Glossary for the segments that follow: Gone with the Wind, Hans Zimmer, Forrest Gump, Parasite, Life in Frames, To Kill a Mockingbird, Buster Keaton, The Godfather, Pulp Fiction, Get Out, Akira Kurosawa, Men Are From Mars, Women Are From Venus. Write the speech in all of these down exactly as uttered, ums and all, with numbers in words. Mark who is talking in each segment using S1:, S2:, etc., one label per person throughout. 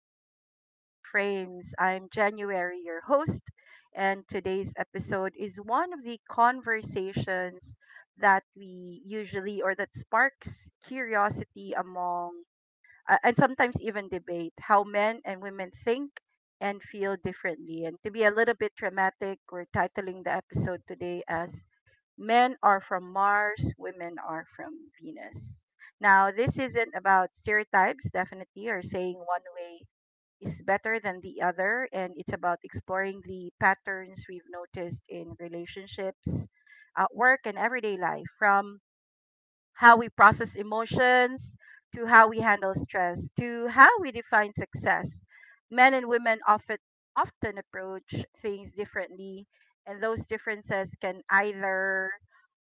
S1: to Life in Frames. I'm January, your host, and today's episode is one of the conversations that we usually or that sparks curiosity among uh, and sometimes even debate how men and women think and feel differently. And to be a little bit dramatic, we're titling the episode today as men are from Mars, women are from Venus. Now, this isn't about stereotypes, definitely, or saying one way is better than the other. And it's about exploring the patterns we've noticed in relationships, at work, and everyday life, from how we process emotions, to how we handle stress, to how we define success. Men and women often often approach things differently, and those differences can either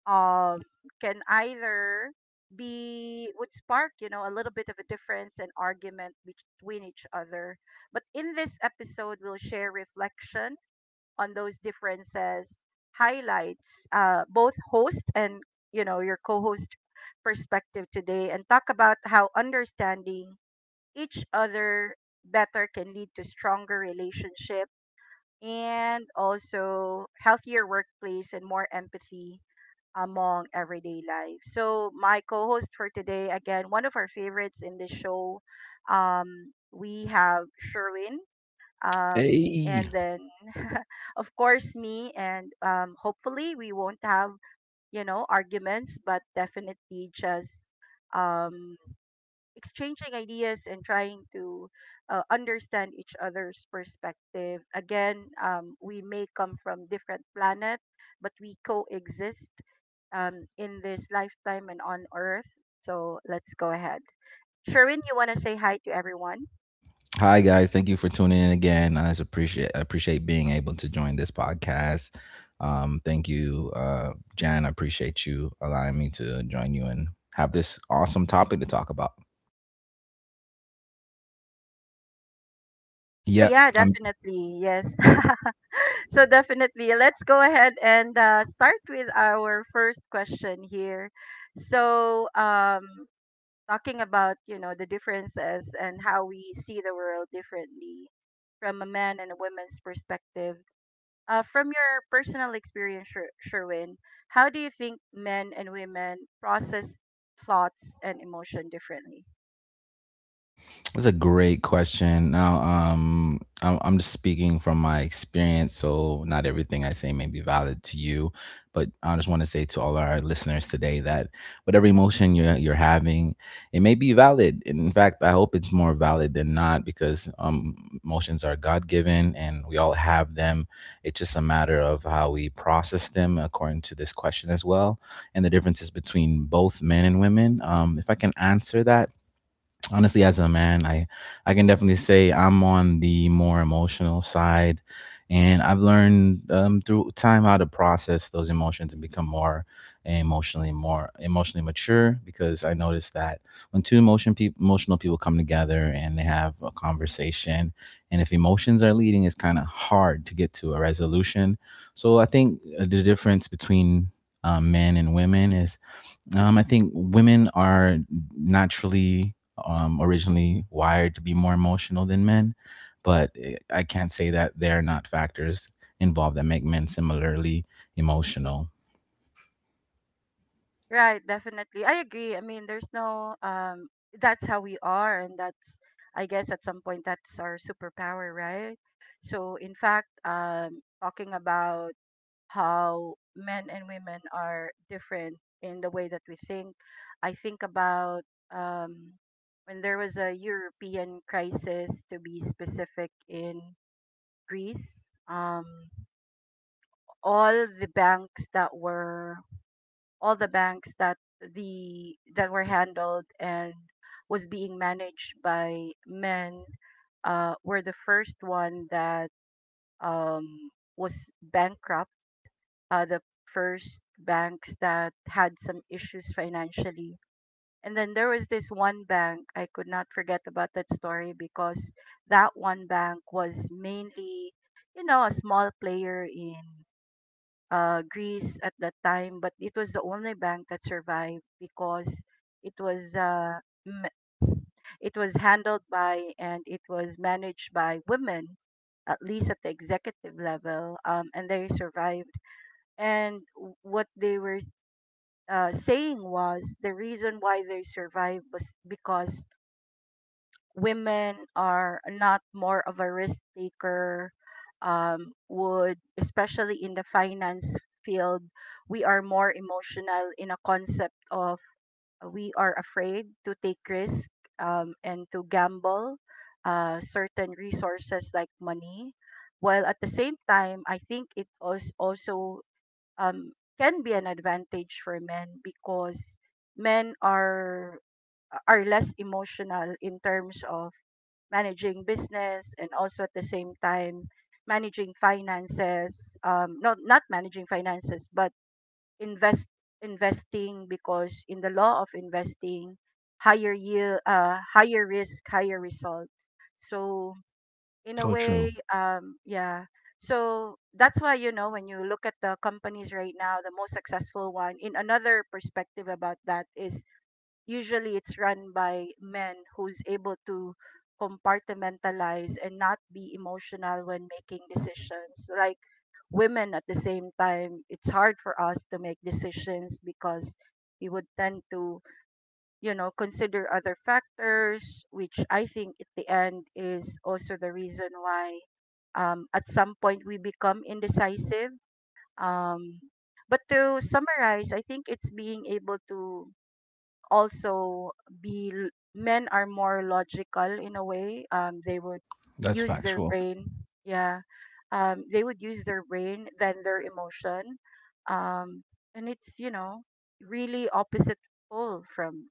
S1: um, can either be would spark you know a little bit of a difference and argument between each other. But in this episode, we'll share reflection on those differences, highlights uh, both host and you know your co-host perspective today, and talk about how understanding each other better can lead to stronger relationship and also healthier workplace and more empathy among everyday life. So my co-host for today, again, one of our favorites in the show, um, we have Sherwin um
S2: Hey.
S1: and then of course me, and um hopefully we won't have you know arguments, but definitely just um exchanging ideas and trying to uh, understand each other's perspective again. Um we may come from different planet, but we coexist um in this lifetime and on earth. So let's go ahead. Sherwin, you want to say hi to everyone?
S2: Hi guys, thank you for tuning in again. I just appreciate I appreciate being able to join this podcast. Um, thank you, uh, Jan. I appreciate you allowing me to join you and have this awesome topic to talk about.
S1: Oh,
S2: Yeah,
S1: yeah,
S2: I
S1: definitely. Yes. So definitely, let's go ahead and uh, start with our first question here. So, um, talking about you know the differences and how we see the world differently from a man and a woman's perspective. Uh, from your personal experience, Sher- Sherwin, how do you think men and women process thoughts and emotion differently?
S2: That's a great question. Now, um, I'm, I'm just speaking from my experience, so not everything I say may be valid to you, but I just want to say to all our listeners today that whatever emotion you're you're having, it may be valid. And in fact, I hope it's more valid than not because um, emotions are God given, and we all have them. It's just a matter of how we process them, according to this question as well, and the differences between both men and women. Um, if I can answer that honestly as a man, i i can definitely say I'm on the more emotional side, and I've learned um, through time how to process those emotions and become more emotionally more emotionally mature because I noticed that when two emotion peop emotional people come together and they have a conversation, and if emotions are leading, it's kind of hard to get to a resolution. So I think the difference between um, men and women is, um, I think women are naturally, um, originally wired to be more emotional than men, but eh, I can't say that there are not factors involved that make men similarly emotional.
S1: Right, definitely. I agree. I mean, there's no um that's how we are, and that's, I guess at some point, that's our superpower, right? So in fact, um talking about how men and women are different in the way that we think, I think about um when there was a European crisis, to be specific in Greece. Um all the banks that were, all the banks that the that were handled and was being managed by men uh, were the first one that um, was bankrupt, uh, the first banks that had some issues financially. And then there was this one bank, I could not forget about that story, because that one bank was mainly, you know, a small player in uh, Greece at that time, but it was the only bank that survived because it was uh, m- it was handled by and it was managed by women, at least at the executive level, um, and they survived. And w- what they were uh, saying was the reason why they survived was because women are not more of a risk taker, um, would especially in the finance field. We are more emotional in a concept of uh, we are afraid to take risk um, and to gamble uh, certain resources like money, while at the same time I think it als- also um, can be an advantage for men, because men are are less emotional in terms of managing business and also at the same time managing finances. Um not, not managing finances, but invest investing. Because in the law of investing, higher yield, uh higher risk, higher result. So in a
S2: So
S1: way,
S2: true.
S1: um yeah, so that's why, you know, when you look at the companies right now, the most successful one, in another perspective about that, is usually it's run by men who's able to compartmentalize and not be emotional when making decisions. Like, women at the same time, it's hard for us to make decisions, because we would tend to, you know, consider other factors, which I think at the end is also the reason why, um, at some point, we become indecisive. Um, but to summarize, I think it's being able to also be l- men are more logical in a way. Um they would
S2: That's
S1: use their
S2: factual.
S1: brain. Yeah. Um they would use their brain than their emotion. Um and it's, you know, really opposite pole from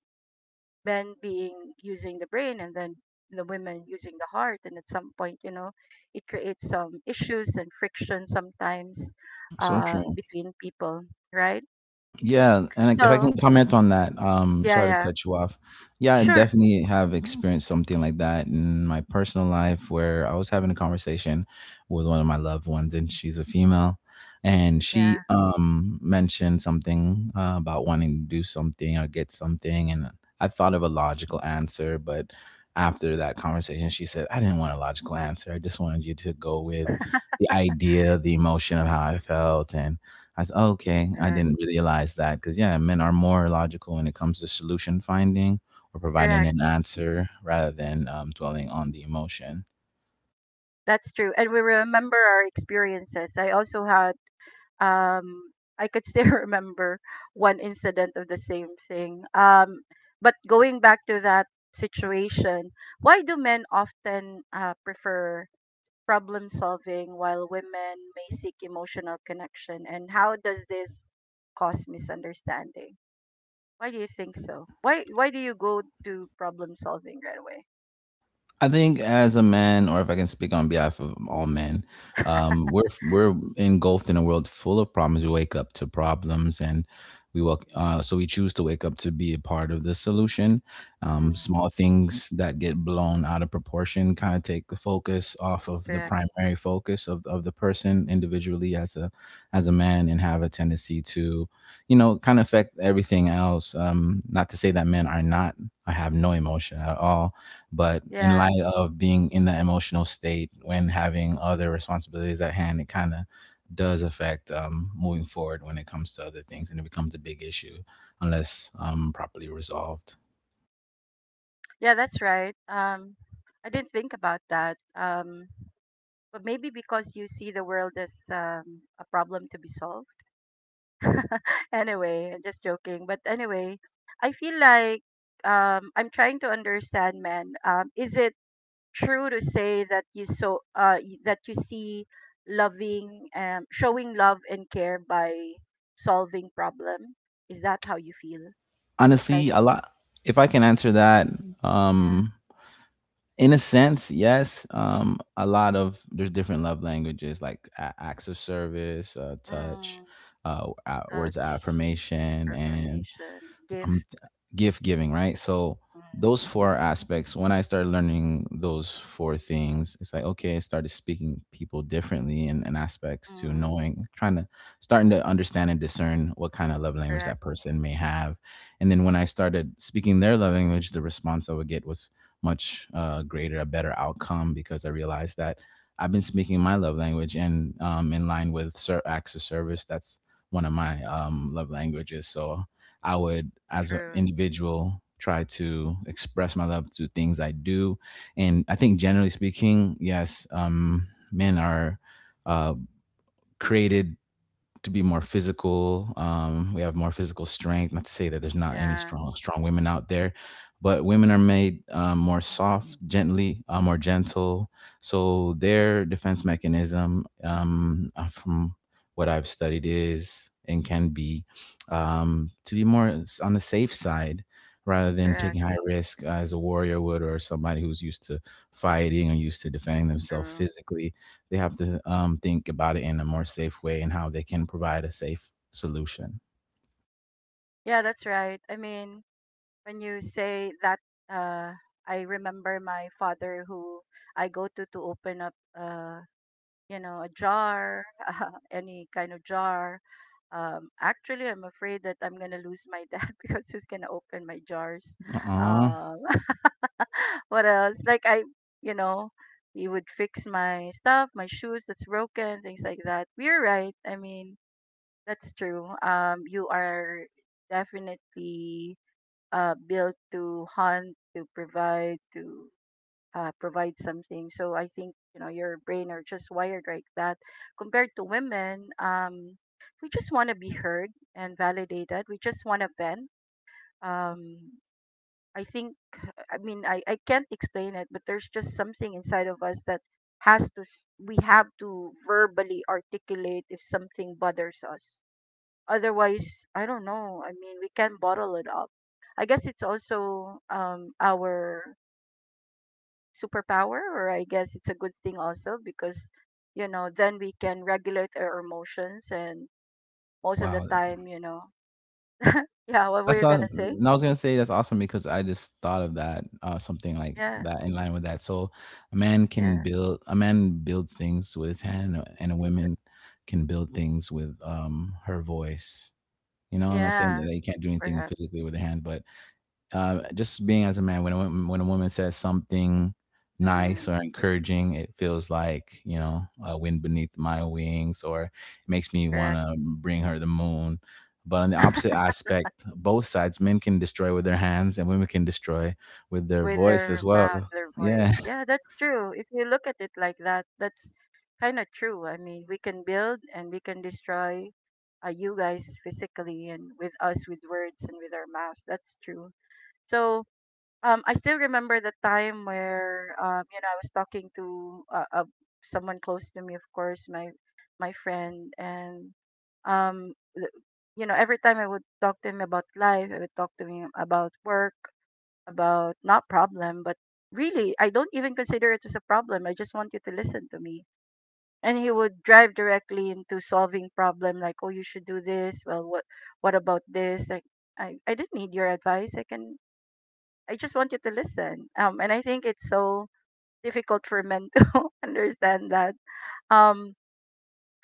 S1: men being using the brain and then the women using the heart. And at some point, you know, it creates some issues and friction sometimes
S2: So
S1: uh,
S2: true.
S1: between people, right?
S2: Yeah, and if I can
S1: So
S2: comment on that, um,
S1: yeah,
S2: sorry to
S1: yeah.
S2: cut you off. Yeah, I
S1: Sure.
S2: definitely have experienced something like that in my personal life where I was having a conversation with one of my loved ones, and she's a female, and she
S1: Yeah.
S2: um mentioned something uh, about wanting to do something or get something, and I thought of a logical answer, but after that conversation, she said, "I didn't want a logical answer. I just wanted you to go with the idea, the emotion of how I felt, and." I said, oh, okay, I
S1: Right.
S2: didn't realize that because yeah, men are more logical when it comes to solution finding or providing
S1: Correct.
S2: an answer rather than um, dwelling on the emotion.
S1: That's true. And we remember our experiences. I also had um I could still remember one incident of the same thing. Um but going back to that situation, why do men often uh, prefer problem solving while women may seek emotional connection, and how does this cause misunderstanding? Why do you think so? Why why do you go to problem solving right away?
S2: I think as a man, or if I can speak on behalf of all men, um, we're we're engulfed in a world full of problems. We wake up to problems, and we walk. Uh, so we choose to wake up to be a part of the solution.
S1: Mm,
S2: Um, small things that get blown out of proportion kind of take the focus off of the
S1: correct.
S2: primary focus of, of the person individually as a as a man, and have a tendency to, you know, kind of affect everything else. Um, not to say that men are not. I have no emotion at all, but in
S1: Yeah.
S2: light of being in the emotional state when having other responsibilities at hand, it kind of does affect um, moving forward when it comes to other things, and it becomes a big issue unless um, properly resolved.
S1: Yeah, that's right. Um, I didn't think about that. Um, but maybe because you see the world as um, a problem to be solved. Anyway, I'm just joking. But anyway, I feel like um, I'm trying to understand, man. Um, is it true to say that you so uh, y- that you see loving, um, showing love and care by solving problem? Is that how you feel? Like,
S2: Honestly, a lot. If I can answer that,
S1: yeah.
S2: um, in a sense, yes. Um, a lot of there's different love languages like a- acts of service, uh, touch,
S1: Mm,
S2: uh, a- words of
S1: touch,
S2: affirmation, and
S1: affirmation, gift.
S2: I'm gift giving, right? So
S1: Mm.
S2: those four aspects, when I started learning those four things, it's like, okay, I started speaking people differently and, and aspects to
S1: Mm,
S2: knowing, trying to starting to understand and discern what kind of love language
S1: correct.
S2: that person may have. And then when I started speaking their love language, the response I would get was much uh, greater, a better outcome because I realized that I've been speaking my love language and um, in line with ser- acts of service. That's one of my um, love languages. So I would, as an
S1: True.
S2: individual, try to express my love through things I do. And I think, generally speaking, yes, um, men are uh, created to be more physical. Um, we have more physical strength. Not to say that there's not any
S1: Yeah.
S2: strong strong women out there, but women are made um, more soft, gently, uh, more gentle.
S1: Mm,
S2: So their defense mechanism, um, uh, from what I've studied, is and can be, um, to be more s- on the safe side. Rather than
S1: correct.
S2: taking high risk as a warrior would, or somebody who's used to fighting or used to defending themselves
S1: True.
S2: physically, they have to um, think about it in a more safe way and how they can provide a safe solution.
S1: Yeah, that's right. I mean, when you say that, uh, I remember my father who I go to to open up, uh, you know, a jar, any kind of jar. Um, actually, I'm afraid that I'm gonna lose my dad because who's gonna open my jars?
S2: Uh-uh.
S1: Uh, what else? Like, I, you know, he would fix my stuff, my shoes that's broken, things like that. You're right. I mean, that's true. Um, you are definitely uh built to hunt, to provide, to uh provide something. So I think, you know, your brain are just wired like that. Compared to women, um, we just want to be heard and validated. We just want to vent. Um, I think, I mean, I I can't explain it, but there's just something inside of us that has to s- we have to verbally articulate if something bothers us. Otherwise, I don't know. I mean, we can bottle it up. I guess it's also um our superpower, or I guess it's a good thing also because, you know, then we can regulate our emotions and most of the
S2: Wow.
S1: time, you know. Yeah, what were
S2: That's
S1: you going to
S2: awesome.
S1: say?
S2: And I was gonna say that's awesome because I just thought of that, uh, something like
S1: Yeah,
S2: that in line with that. So a man can
S1: yeah.
S2: build a man builds things with his hand, and a and a
S1: Ins-
S2: woman can build things with um her voice. You know, I'm not
S1: yeah,
S2: saying that they can't do anything
S1: perhaps.
S2: physically with their hand, but uh, just being as a man, when a woman, when a woman says something nice
S1: Mm.
S2: or encouraging, it feels like, you know, a wind beneath my wings, or it makes me want
S1: Correct.
S2: to bring her the moon. But on the opposite aspect, both sides, men can destroy with their hands, and women can destroy with their
S1: With
S2: voice
S1: their
S2: as well.
S1: mouth, their
S2: Yeah.
S1: voice. Yeah, that's true. If you look at it like that, that's kind of true. I mean, we can build and we can destroy uh, you guys physically, and with us with words and with our mouth. That's true. So, um, I still remember the time where, um, you know, I was talking to uh, uh, someone close to me, of course, my my friend, and um, l- you know, every time I would talk to him about life, I would talk to him about work, about not problem, but really, I don't even consider it as a problem. I just want you to listen to me. And he would drive directly into solving problem like, oh, you should do this. Well, what what about this? Like, I I didn't need your advice. I can I just want you to listen. Um, and I think it's so difficult for men to understand that. Um,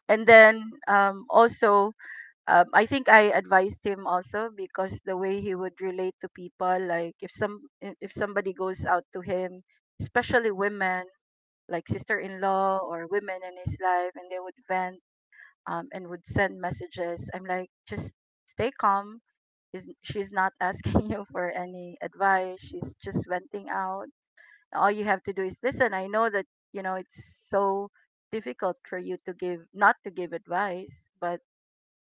S1: and then um also, um, I think I advised him also, because the way he would relate to people, like if some i- if somebody goes out to him, especially women, like sister-in-law or women in his life, and they would vent um, and would send messages, I'm like, just stay calm. Is, she's not asking you for any advice. She's just venting out. All you have to do is listen. I know that, you know, it's so difficult for you to give, not to give advice, but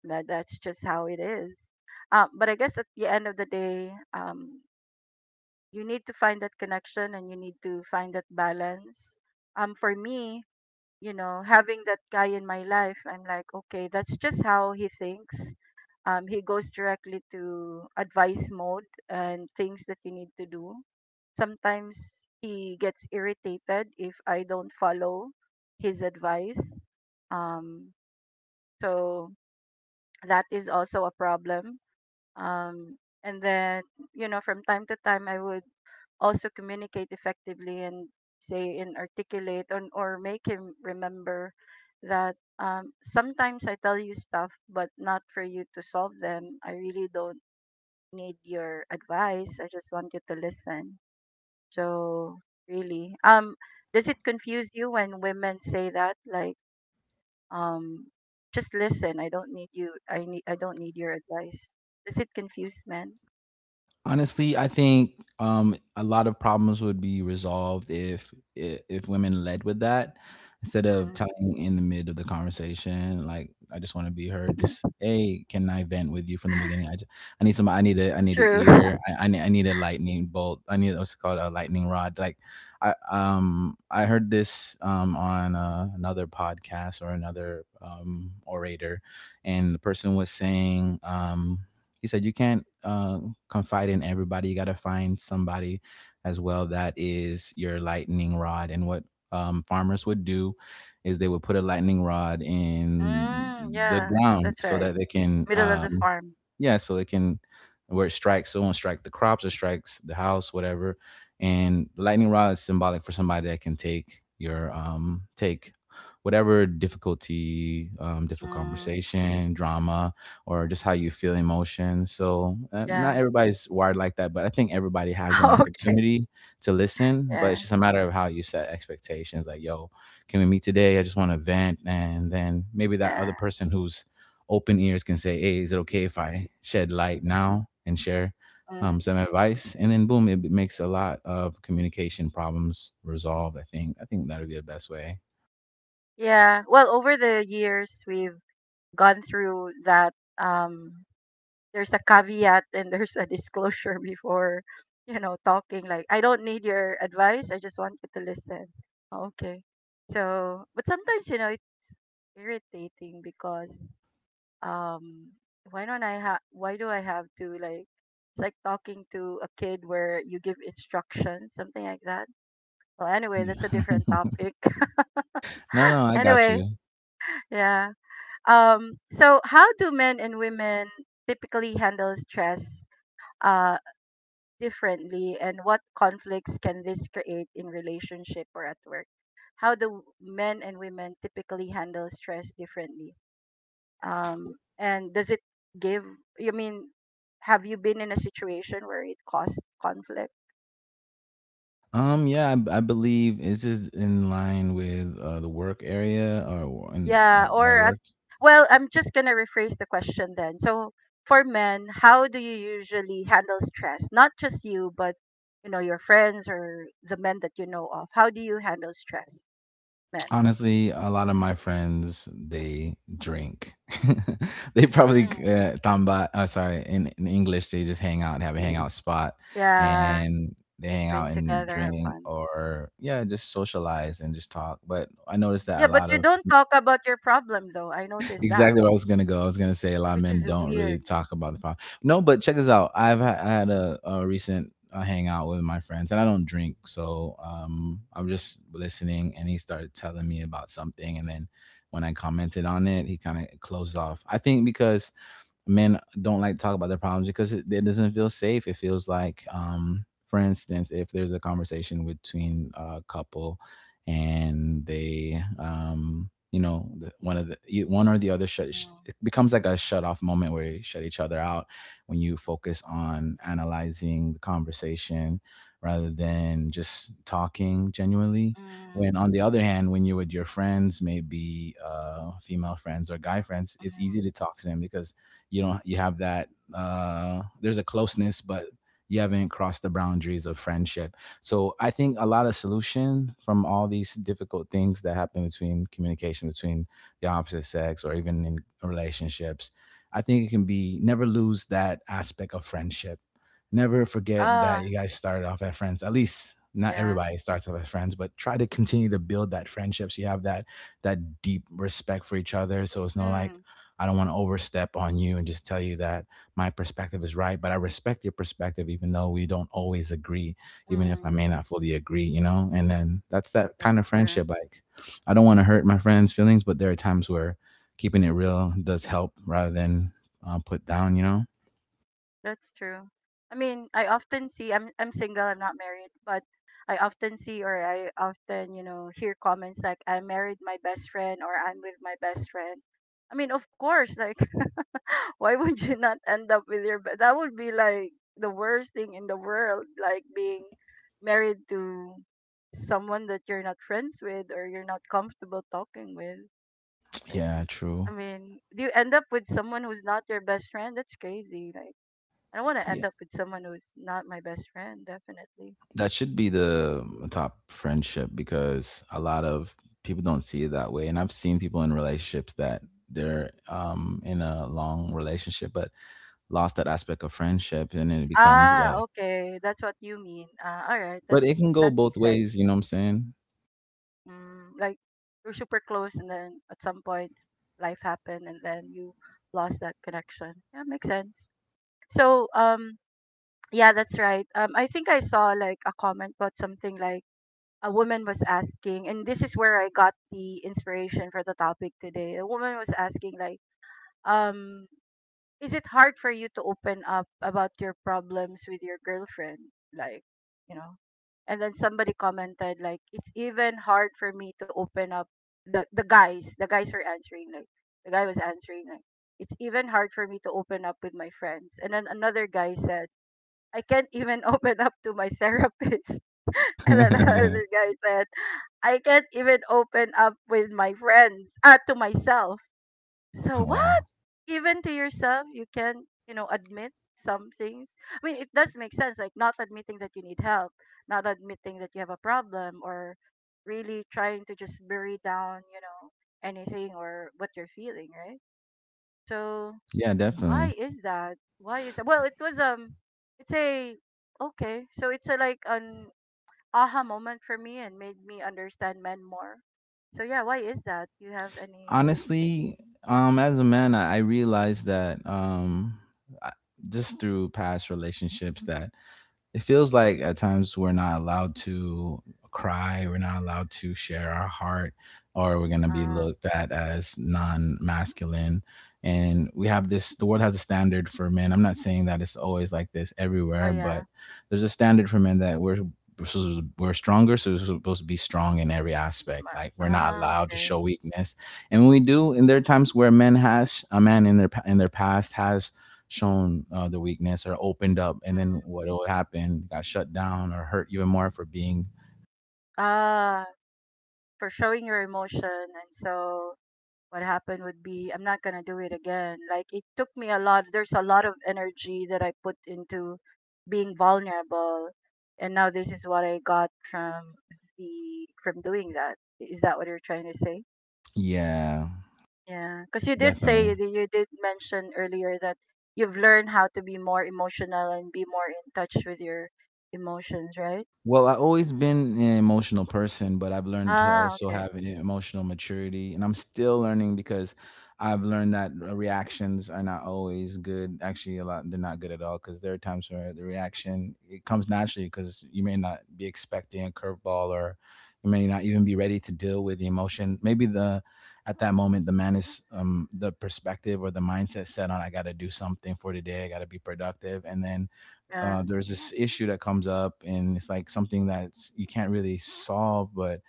S1: that that's just how it is. Um, but I guess at the end of the day, um, you need to find that connection and you need to find that balance. Um, for me, you know, having that guy in my life, I'm like, okay, that's just how he thinks. Um, he goes directly to advice mode and things that you need to do. Sometimes he gets irritated if I don't follow his advice. Um, so that is also a problem. Um, and then, you know, from time to time, I would also communicate effectively and say and articulate on, or make him remember that, um, sometimes I tell you stuff, but not for you to solve them. I really don't need your advice. I just want you to listen. So, really, um, does it confuse you when women say that? Like, um just listen, I don't need you, I need, I don't need your advice. Does it confuse men?
S2: Honestly, I think um, a lot of problems would be resolved if i- if women led with that instead of
S1: Mm.
S2: telling in the mid of the conversation. Like, I just want to be heard. Just, hey, can I vent with you from the beginning? I, just, I need some. I need a. I need an
S1: True.
S2: ear. I, I need. I need a lightning bolt. I need, what's it called, a lightning rod. Like, I um I heard this um on uh, another podcast or another um orator, and the person was saying, um he said you can't, uh, confide in everybody, you got to find somebody as well that is your lightning rod. And what um, farmers would do is they would put a lightning rod in
S1: Mm,
S2: the
S1: yeah,
S2: ground
S1: that's
S2: so
S1: right,
S2: that they can,
S1: middle of the
S2: um,
S1: farm.
S2: yeah, so it can, where it strikes, so it won't strike the crops or strikes the house, whatever. And the lightning rod is symbolic for somebody that can take your um take whatever difficulty, um difficult
S1: Mm,
S2: conversation, drama, or just how you feel emotion. So uh,
S1: yeah.
S2: not everybody's wired like that, but I think everybody has an
S1: Okay.
S2: opportunity to listen. But
S1: Yeah,
S2: it's just a matter of how you set expectations. Like, yo, can we meet today? I just want to vent, and then maybe that other
S1: yeah.
S2: person who's open ears can say, hey, is it okay if I shed light now and share
S1: Mm.
S2: Um, some advice? And then boom, it makes a lot of communication problems resolved. I think I think that would be the best way.
S1: Yeah, well over the years we've gone through that. um there's a caveat and there's a disclosure before, you know, talking like I don't need your advice, I just want you to listen. Oh, okay. So but sometimes you know it's irritating because, um why don't I have, why do I have to, like, it's like talking to a kid where you give instructions, something like that. Well, anyway,
S2: Yeah.
S1: that's a different
S2: No,
S1: topic.
S2: no, I got
S1: Anyway,
S2: you.
S1: yeah. Um so how do men and women typically handle stress, uh differently, and what conflicts can this create in relationship or at work? How do men and women typically handle stress differently? Um, and does it give, you mean, have you been in a situation where it caused conflict?
S2: Um, yeah, I I believe it's just in line with uh, the work area or in,
S1: Yeah,
S2: like, while
S1: or at,
S2: work.
S1: well, I'm just gonna rephrase the question then. So for men, how do you usually handle stress? Not just you, but you know, your friends, or the men that you know of, how do you handle stress, men?
S2: Honestly, a lot of my friends, they drink. They probably
S1: Mm.
S2: uh, tamba. Uh, sorry, in, in English they just hang out and have a hangout spot,
S1: Yeah.
S2: and they hang out
S1: Drink
S2: and
S1: together, have
S2: drink
S1: fun.
S2: or yeah, just socialize and just talk. But I noticed that
S1: Yeah,
S2: a
S1: but
S2: lot
S1: you
S2: of
S1: don't talk about your problem though. I noticed that,
S2: exactly where I was gonna go. I was gonna say a lot of
S1: which
S2: men
S1: is
S2: don't really
S1: weird.
S2: talk about the problem. No, but check this out. I've ha- I had a, a recent uh, hangout with my friends, and I don't drink, so um, I'm just listening. And he started telling me about something, and then when I commented on it, he kind of closed off. I think because men don't like to talk about their problems because it, it doesn't feel safe. It feels like, um, for instance, if there's a conversation between a couple and they, um, you know, the- one of the e, one or the other shut sh-
S1: Mm,
S2: it becomes like a shut off moment where you shut each other out when you focus on analyzing the conversation rather than just talking genuinely.
S1: mm,
S2: When on the other hand, when you're with your friends, maybe uh, female friends or guy friends, it's easy
S1: mm.
S2: to talk to them because you know you have that uh there's a closeness, but you haven't crossed the boundaries of friendship. So I think a lot of solution from all these difficult things that happen between communication between the opposite sex or even in relationships, I think it can be never lose that aspect of friendship. Never forget that
S1: Ah,
S2: you guys started off as friends. At least not
S1: yeah.
S2: everybody starts off as friends, but try to continue to build that friendship so you have that that deep respect for each other. So it's not like
S1: Mm,
S2: I don't want to overstep on you and just tell you that my perspective is right, but I respect your perspective, even though we don't always agree, even if I
S1: mm.
S2: may not fully agree, you know? And then that's that kind of
S1: That's true.
S2: friendship. Like, I don't want to hurt my friend's feelings, but there are times where keeping it real does help rather than uh, put down, you know?
S1: That's true. I mean, I often see, I'm I'm single, I'm not married, but I often see, or I often, you know, hear comments like I married my best friend, or I'm with my best friend. I mean, of course, like why would you not end up with your be- that would be like the worst thing in the world, like being married to someone that you're not friends with or you're not comfortable talking with. Like,
S2: Yeah,
S1: I
S2: true.
S1: mean, do you end up with someone who's not your best friend? That's crazy. Like, I don't want to
S2: Yeah.
S1: end up with someone who's not my best friend, definitely.
S2: That should be the top friendship, because a lot of people don't see it that way. And I've seen people in relationships that they're um, in a long relationship, but lost that aspect of friendship, and then it becomes
S1: Ah,
S2: like
S1: okay. That's what you mean. Uh, all right.
S2: but
S1: That's,
S2: it can go
S1: that
S2: both
S1: makes
S2: ways,
S1: sense.
S2: you know what I'm saying?
S1: Mm, like you're super close, and then at some point, life happened, and then you lost that connection. Yeah, makes sense. So, um, yeah, that's right. Um, I think I saw like a comment about something, like a woman was asking, and this is where I got the inspiration for the topic today. A woman was asking like, um, is it hard for you to open up about your problems with your girlfriend, like, you know, and then somebody commented like, it's even hard for me to open up. The the guys, the guys were answering like, the guy was answering like, it's even hard for me to open up with my friends. And then another guy said, I can't even open up to my therapist. And then another guy said, I can't even open up with my friends, uh, to myself. So what?
S2: Wow.
S1: Even to yourself you can, you know, admit some things. I mean, it does make sense, like not admitting that you need help, not admitting that you have a problem, or really trying to just bury down, you know, anything or what you're feeling, right? So
S2: Yeah, definitely.
S1: why is that? Why is that? Well, it was um, it's a, okay. So it's a, like an aha moment for me and made me understand men more. So yeah, why is that? You have anything to say?
S2: Honestly, um as a man i, I realized that um I, just through past relationships that it feels like at times we're not allowed to cry, we're not allowed to share our heart, or we're going to be
S1: Uh,
S2: looked at as non-masculine. And we have this the world has a standard for men. I'm not saying that it's always like this
S1: oh
S2: everywhere,
S1: yeah.
S2: but there's a standard for men that we're we're supposed to- we're stronger, so we're supposed to be strong in every aspect.
S1: Ma-
S2: Like, we're not
S1: Ah,
S2: allowed to show
S1: okay.
S2: weakness. And when we do, and there are times where men has a man in their pa- in their past has shown uh, the weakness or opened up, and
S1: Mm.
S2: then what will happen? Got shut down or hurt even more for being.
S1: Ah, for showing your emotion. And so what happened would be, I'm not going to do it again. Like, it took me a lot. There's a lot of energy that I put into being vulnerable. And now this is what I got from the, from doing that. Is that what you're trying to say?
S2: Yeah,
S1: Yeah, because you did say,
S2: definitely.
S1: that you did mention earlier that you've learned how to be more emotional and be more in touch with your emotions, right?
S2: Well, I've always been an emotional person, but I've learned to
S1: Ah,
S2: also
S1: okay.
S2: have an emotional maturity, and I'm still learning because I've learned that uh, reactions are not always good. Actually, a lot they're not good at all, because there are times where the reaction it comes naturally because you may not be expecting a curveball, or you may not even be ready to deal with the emotion. Maybe the at that moment the man is um, the perspective or the mindset set on I got to do something for today. I got to be productive, and then
S1: Yeah.
S2: uh, there's this issue that comes up, and it's like something that's you can't really solve. But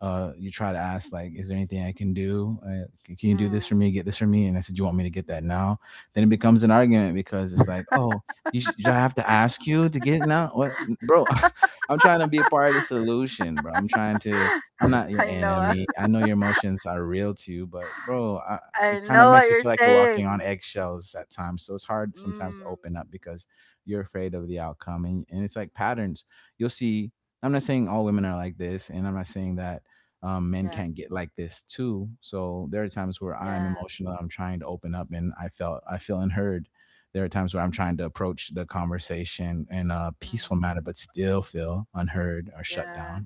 S2: uh, you try to ask, like, is there anything I can do, uh, can you do this for
S1: Mm.
S2: me, get this for me? And I said, you want me to get that now? Then it becomes an argument, because it's like, oh, you sh- do I have to ask you to get it now? What, bro? I'm trying to be a part of the solution, bro. I'm trying to I'm not your
S1: I know. Uh,
S2: enemy. I know your emotions are real to you, but bro I,
S1: I
S2: it kind of
S1: know what
S2: makes you
S1: you're
S2: feel like you're walking on
S1: saying.
S2: eggshells at times. So it's hard sometimes to
S1: Mm.
S2: open up because you're afraid of the outcome. And, and it's like patterns you'll see. I'm not saying all women are like this, and I'm not saying that um, men
S1: Yeah.
S2: can't get like this too. So there are times where I'm
S1: Yeah.
S2: emotional, I'm trying to open up, and i felt I feel unheard. There are times where I'm trying to approach the conversation in a
S1: Mm.
S2: peaceful manner, but still feel unheard or shut
S1: Yeah.
S2: down.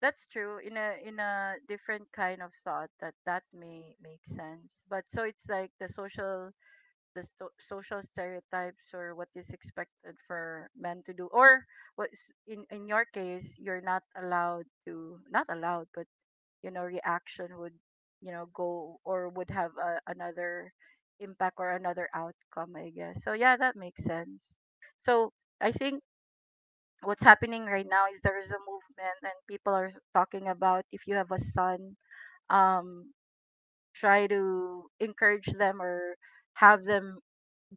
S1: That's true. In a, in a different kind of thought that that may make sense. But so it's like the social, the sto- social stereotypes, or what is expected for men to do, or what's, in in your case, you're not allowed to, not allowed, but you know, reaction would, you know, go, or would have a, another impact or another outcome, I guess. So yeah, that makes sense. So I think what's happening right now is there is a movement and people are talking about, if you have a son, um try to encourage them, or have them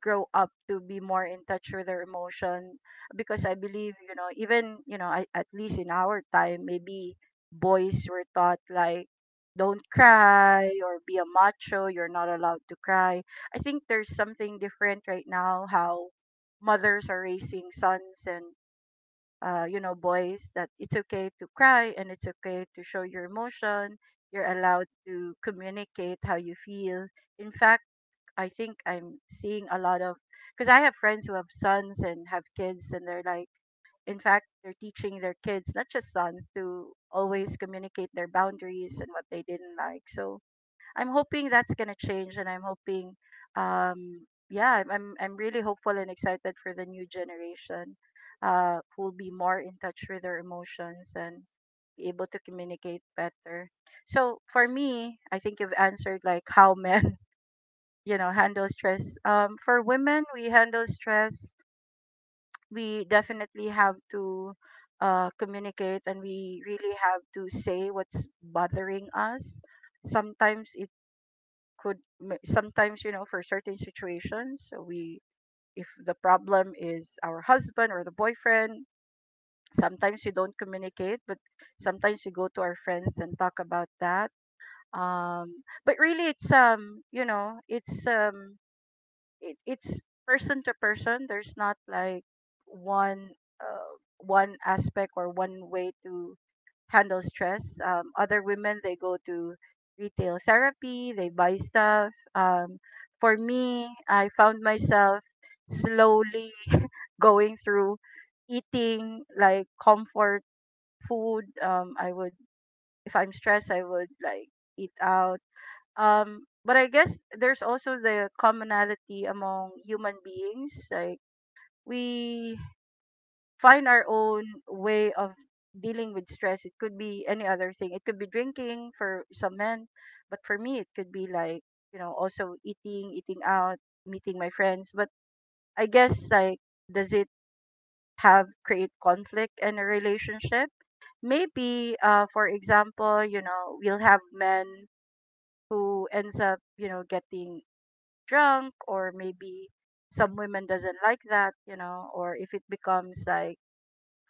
S1: grow up to be more in touch with their emotion, because I believe, you know, even, you know, I, at least in our time, maybe boys were taught like, don't cry, or be a macho, you're not allowed to cry. I think there's something different right now, how mothers are raising sons, and uh, you know, boys, that it's okay to cry, and it's okay to show your emotion, you're allowed to communicate how you feel. In fact, I think I'm seeing a lot of, because I have friends who have sons and have kids, and they're like, in fact, they're teaching their kids, not just sons, to always communicate their boundaries and what they didn't like. So I'm hoping that's gonna change, and I'm hoping, um, yeah, I'm I'm I'm really hopeful and excited for the new generation, uh, who will be more in touch with their emotions and be able to communicate better. So for me, I think you've answered like how men, you know, handle stress. Um for women, we handle stress, we definitely have to uh communicate, and we really have to say what's bothering us. Sometimes it could ma- sometimes, you know, for certain situations, so we, if the problem is our husband or the boyfriend, sometimes we don't communicate, but sometimes we go to our friends and talk about that. um but really, it's, um you know, it's, um it, it's person to person. There's not like one uh, one aspect or one way to handle stress. Um, other women, they go to retail therapy, they buy stuff. Um, for me, I found myself slowly going through eating like comfort food. Um, I would, if I'm stressed, I would like eat out, um, but I guess there's also the commonality among human beings. Like, we find our own way of dealing with stress. It could be any other thing. It could be drinking for some men, but for me, it could be like, you know, also eating, eating out, meeting my friends. But I guess like, does it have, create conflict in a relationship? Maybe, uh, for example, you know, we'll have men who ends up, you know, getting drunk, or maybe some women doesn't like that, you know, or if it becomes like,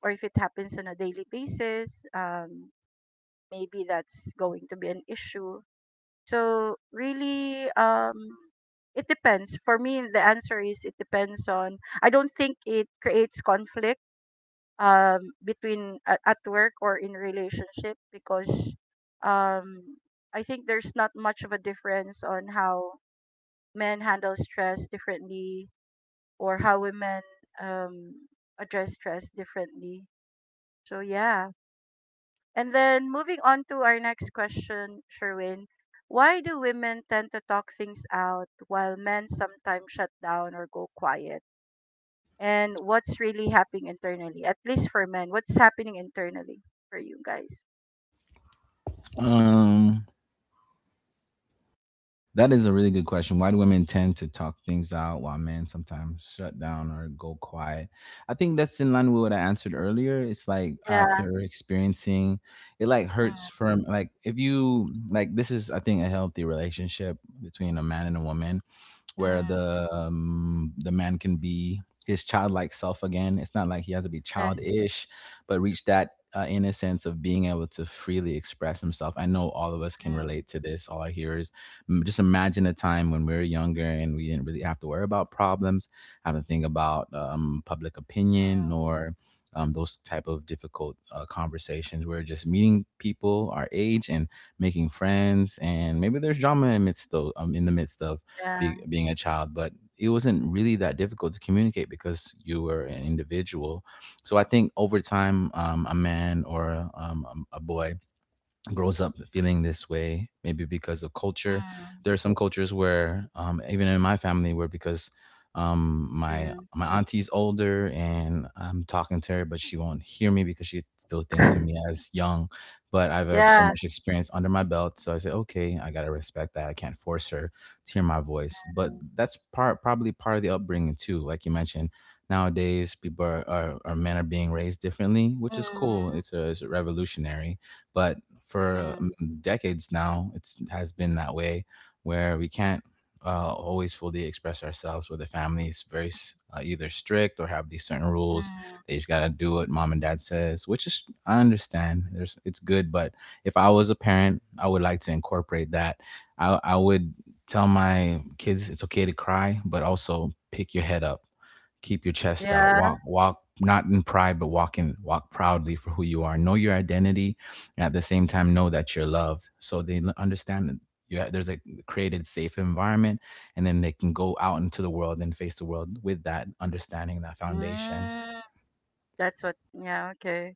S1: or if it happens on a daily basis, um maybe that's going to be an issue. So really, um it depends. For me the answer is it depends on, I don't think it creates conflict um between a- at work or in relationship, because um I think there's not much of a difference on how men handle stress differently, or how women um, address stress differently. So, yeah. And then moving on to our next question, Sherwin. Why do women tend to talk things out while men sometimes shut down or go quiet? And what's really happening internally, at least for men? What's happening internally for you guys?
S2: Um, That is a really good question. Why do women tend to talk things out while men sometimes shut down or go quiet? I think that's in line with what I answered earlier. It's like
S1: Yeah.
S2: after experiencing it like hurts
S1: Mm,
S2: from like if you like this is I think a healthy relationship between a man and a woman where
S1: mm,
S2: the um, the man can be his childlike self again. It's not like he has to be
S1: yes.
S2: childish, but reach that uh, innocence of being able to freely express himself. I know all of us can
S1: Mm,
S2: relate to this. All our hearers, M- just imagine a time when we were younger and we didn't really have to worry about problems, have to think about um, public
S1: mm,
S2: opinion or um, those type of difficult uh, conversations. We're just meeting people our age and making friends, and maybe there's drama amidst those, um, in the midst of be,
S1: yeah.
S2: being a child, but it wasn't really that difficult to communicate because you were an individual. So I think over time, um, a man or um, a a boy grows up feeling this way, maybe because of culture.
S1: Mm,
S2: There are some cultures where, um, even in my family, where because um, my
S1: mm.
S2: my auntie's older and I'm talking to her, but she won't hear me because she still thinks of me as young. But I've have so
S1: Yeah.
S2: much experience under my belt, so I say, okay, I gotta respect that. I can't force her to hear my voice, but that's part probably part of the upbringing too. Like you mentioned, nowadays people are, are, are men are being raised differently, which
S1: Mm,
S2: is cool.
S1: mm,
S2: It's a, it's a revolutionary, but for um,
S1: mm,
S2: decades now. It's has been that way where we can't uh, always fully express ourselves with the family. It's very s- uh, either strict or have these certain rules.
S1: mm.
S2: They just gotta do what mom and dad says, which is I understand. There's it's good, but if I was a parent, I would like to incorporate that. I I would tell my kids it's okay to cry, but also pick your head up, keep your chest out,
S1: Yeah.
S2: walk walk not in pride, but walk in walk proudly for who you are, know your identity, and at the same time know that you're loved. So they understand that you ha- there's a created safe environment, and then they can go out into the world and face the world with that understanding, that foundation.
S1: Mm, that's what. Yeah. Okay.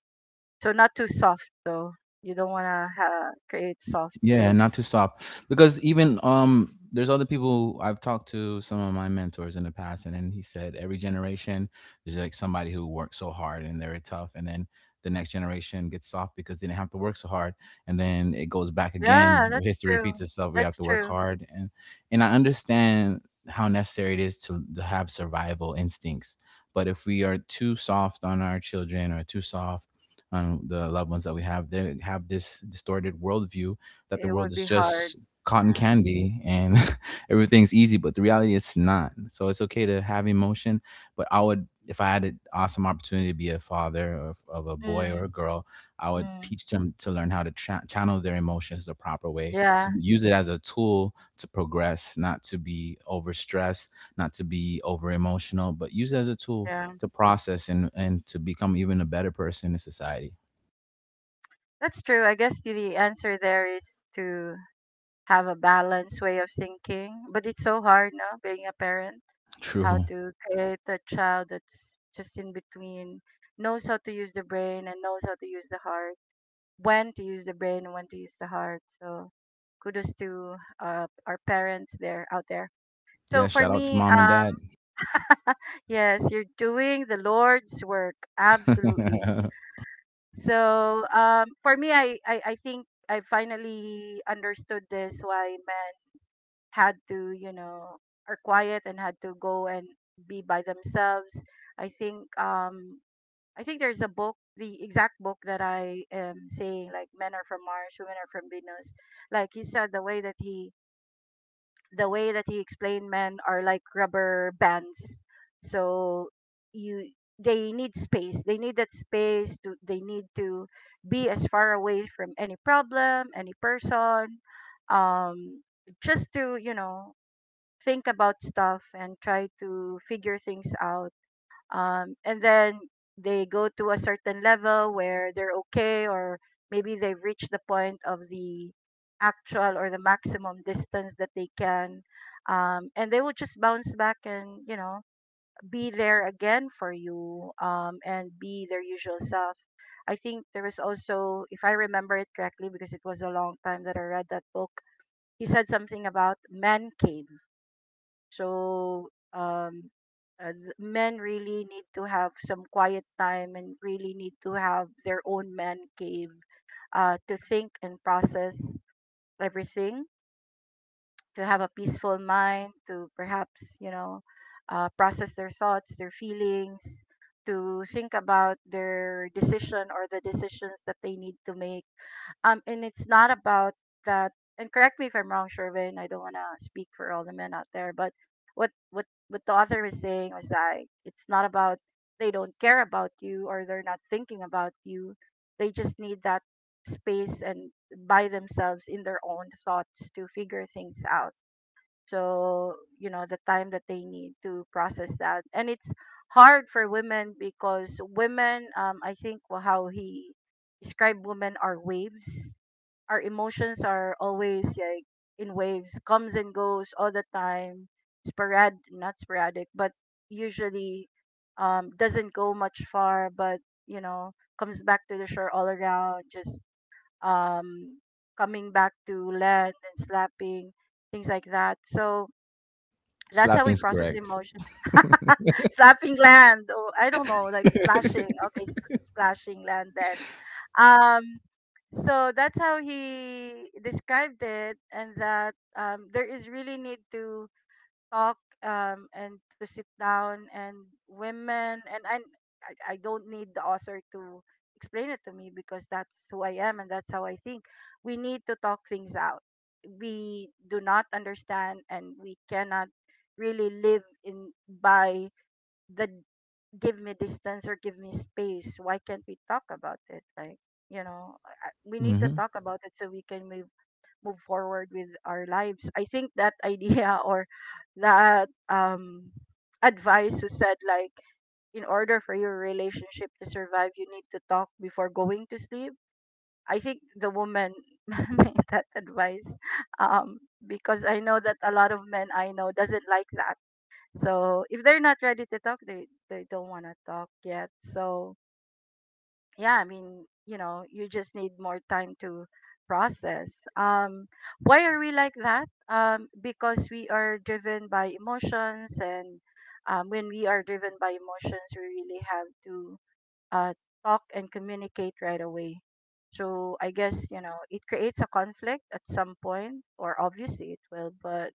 S1: So not too soft though. You don't want to ha- create soft
S2: Yeah, not to
S1: kids.
S2: stop, because even um there's other people I've talked to, some of my mentors in the past, and then he said every generation there's like somebody who worked so hard and they're tough, and then the next generation gets soft because they didn't have to work so hard, and then it goes back again,
S1: Yeah, that's
S2: history repeats
S1: true.
S2: itself, we have
S1: That's
S2: to work
S1: true.
S2: hard. and and I understand how necessary it is to, to have survival instincts, but if we are too soft on our children or too soft on the loved ones that we have, they have this distorted worldview that the
S1: It
S2: world
S1: would
S2: is
S1: be hard.
S2: just cotton
S1: Yeah.
S2: candy and everything's easy, but the reality is not. So it's okay to have emotion, but I would, if I had an awesome opportunity to be a father of, of a boy or a
S1: Mm,
S2: girl, I would
S1: mm.
S2: teach them to learn how to cha- channel their emotions the proper way,
S1: Yeah.
S2: to use it as a tool to progress, not to be overstressed, not to be over emotional, but use it as a tool
S1: Yeah.
S2: to process and, and to become even a better person in society.
S1: That's true. I guess the the answer there is to have a balanced way of thinking, but it's so hard, no, being a parent, how
S2: True.
S1: to create a child that's just in between, knows how to use the brain and knows how to use the heart, when to use the brain and when to use the heart. So kudos to uh, our parents there out there. So
S2: Yeah,
S1: for
S2: shout out to
S1: me,
S2: mom and
S1: um,
S2: dad.
S1: yes, you're doing the Lord's work, absolutely. So um, for me, I, I I think I finally understood this, why men had to, you know, are quiet and had to go and be by themselves. I think um, I think there's a book, the exact book that I am saying, like, men are from Mars, women are from Venus. Like he said, the way that he, the way that he explained, men are like rubber bands. So you, they need space. They need that space to, they need to be as far away from any problem, any person, um, just to, you know, think about stuff and try to figure things out um, and then they go to a certain level where they're okay, or maybe they've reached the point of the actual or the maximum distance that they can um, and they will just bounce back and, you know, be there again for you um, and be their usual self. I think there was also, if I remember it correctly, because it was a long time that I read that book, he said something about man cave. So um, as men really need to have some quiet time and really need to have their own man cave uh, to think and process everything, to have a peaceful mind, to perhaps, you know, uh, process their thoughts, their feelings, to think about their decision or the decisions that they need to make. Um, and it's not about that. And correct me if I'm wrong, Shervin. I don't want to speak for all the men out there, but what what what the author was saying was that it's not about they don't care about you or they're not thinking about you. They just need that space and by themselves in their own thoughts to figure things out. So, you know, the time that they need to process that. And it's hard for women because women, um I think wha- how he described women are waves. Our emotions are always like in waves, comes and goes all the time. Sporad, not sporadic, but usually um doesn't go much far, but, you know, comes back to the shore, all around, just um coming back to land and slapping, things like that. So that's how we
S2: Slapping is
S1: process
S2: correct.
S1: emotion. Slapping land, or I don't know, like splashing. Okay, s- splashing land then. Um, so that's how he described it. And that, um, there is really need to talk um, and to sit down. And women, and, and I, I don't need the author to explain it to me, because that's who I am and that's how I think. We need to talk things out. We do not understand and we cannot really live in by the give me distance or give me space. Why can't we talk about it? Like, you know, I- we need to
S2: Hmm.
S1: talk about it so we can move move forward with our lives. I think that idea, or that, um, advice who said like in order for your relationship to survive, you need to talk before going to sleep. I think the woman made that advice, um, because I know that a lot of men I know doesn't like that. So if they're not ready to talk, they they don't want to talk yet. So yeah, I mean, you know, you just need more time to process. Um, why are we like that? Um, because we are driven by emotions. And um, when we are driven by emotions, we really have to uh, talk and communicate right away. So I guess, you know, it creates a conflict at some point, or obviously it will. But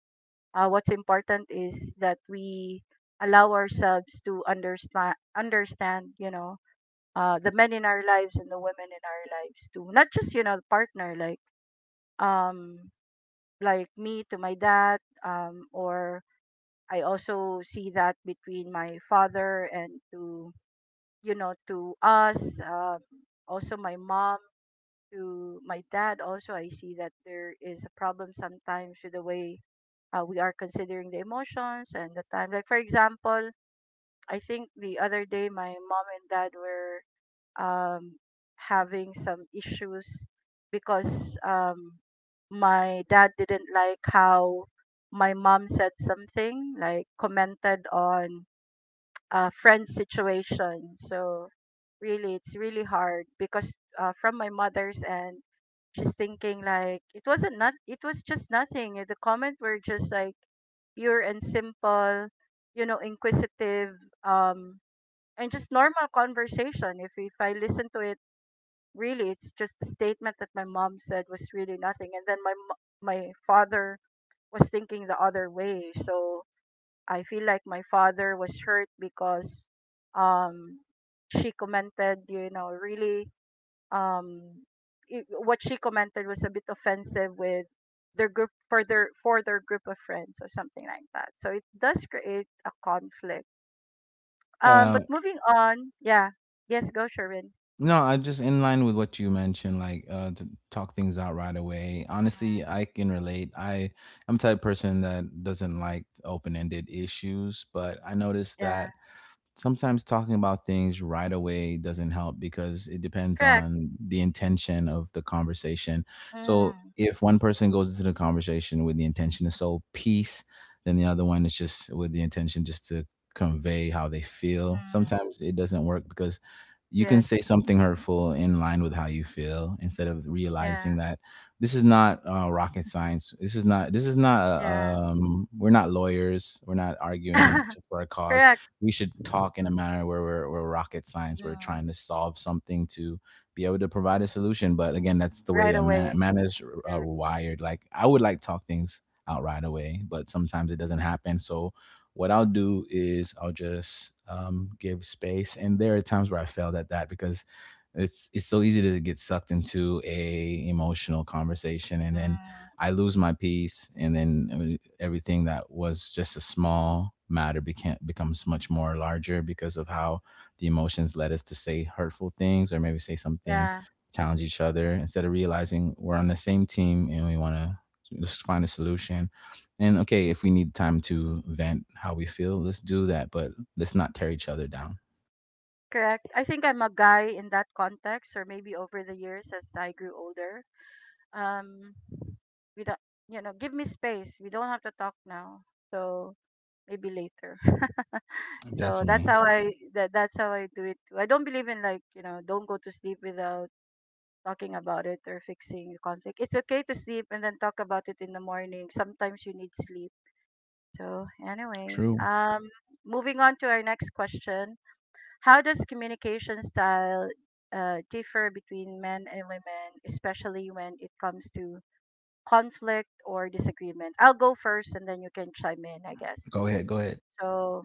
S1: uh, what's important is that we allow ourselves to understand understand, you know, uh, the men in our lives and the women in our lives too. Not just, you know, the partner, like, um, like me to my dad, um, or I also see that between my father and to, you know, to us, um, also my mom to my dad. Also, I see that there is a problem sometimes with the way uh, we are considering the emotions and the time. Like for example. I think the other day my mom and dad were, um, having some issues, because um, my dad didn't like how my mom said something, like commented on a friend's situation. So really, it's really hard because uh, from my mother's end, she's thinking like it wasn't not it was just nothing. The comment were just like pure and simple, you know, inquisitive, um, and just normal conversation. If if I listen to it, really, it's just the statement that my mom said was really nothing. And then my mo- my father was thinking the other way. So I feel like my father was hurt because um she commented, you know, really, um it, what she commented was a bit offensive with their group, for their for their group of friends or something like that. So it does create a conflict. Um
S2: Yeah.
S1: but moving on. Yeah, yes, go Sherwin.
S2: No, I just in line with what you mentioned, like uh, to talk things out right away. Honestly, I can relate. I I'm the type of person that doesn't like open ended issues, but I noticed
S1: Yeah,
S2: that sometimes talking about things right away doesn't help because it depends
S1: correct.
S2: on the intention of the conversation. So
S1: Mm,
S2: if one person goes into the conversation with the intention to sow peace, then the other one is just with the intention just to convey how they feel.
S1: mm.
S2: Sometimes it doesn't work because you can say
S1: Yes.
S2: something hurtful in line with how you feel instead of
S1: Yeah.
S2: realizing that this is not uh, rocket science. This is not. This is not.
S1: Yeah.
S2: Uh, um, we're not lawyers. We're not arguing to, for a cause
S1: Correct.
S2: we should talk in a manner where we're, we're rocket science. We're trying
S1: Mm.
S2: to solve something to be able to provide a solution. But again, that's the way
S1: Right
S2: a
S1: away.
S2: man, man is uh,
S1: Correct.
S2: wired. Like, I would like to talk things out right away, but sometimes it doesn't happen. So what I'll do is I'll just um, give space. And there are times where I failed at that because it's it's so easy to get sucked into a emotional conversation, and then
S1: Mm.
S2: I lose my peace, and then uh, everything that was just a small matter became, becomes much more larger because of how the emotions led us to say hurtful things or maybe say something,
S1: Yeah.
S2: challenge each other instead of realizing we're on the same team and we want to just find a solution. And okay, if we need time to vent how we feel, let's do that, but let's not tear each other down.
S1: Correct. I think I'm a guy in that context, or maybe over the years as I grew older. Um, we don't, you know, give me space. We don't have to talk now. So maybe later. So that's
S2: Definitely.
S1: how I that that's how I do it. Too. I don't believe in like, you know, don't go to sleep without talking about it or fixing the conflict. It's okay to sleep and then talk about it in the morning. Sometimes you need sleep. So, anyway,
S2: True.
S1: um, moving on to our next question. How does communication style uh, differ between men and women, especially when it comes to conflict or disagreement? I'll go first and then you can chime in, I guess.
S2: Go ahead. Go ahead.
S1: So,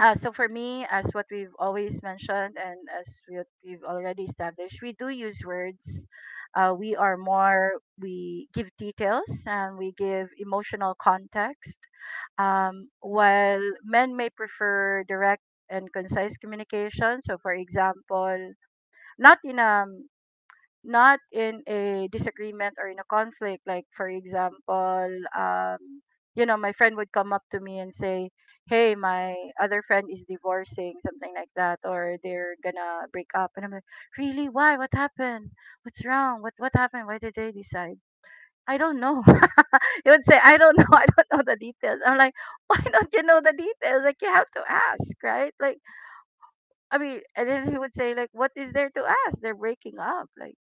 S1: uh, so for me, as what we've always mentioned and as what we've already established, we do use words. Uh, we are more, we give details and we give emotional context. Um, while men may prefer direct and concise communication. So for example, not in a not in a disagreement or in a conflict. Like for example, um you know, my friend would come up to me and say, hey, my other friend is divorcing, something like that, or they're gonna break up. And I'm like, really, why, what happened, what's wrong, what what happened, why did they decide? I don't know. He would say, I don't know. I don't know the details. I'm like, why don't you know the details? Like, you have to ask, right? Like, I mean. And then he would say like, what is there to ask, they're breaking up. Like,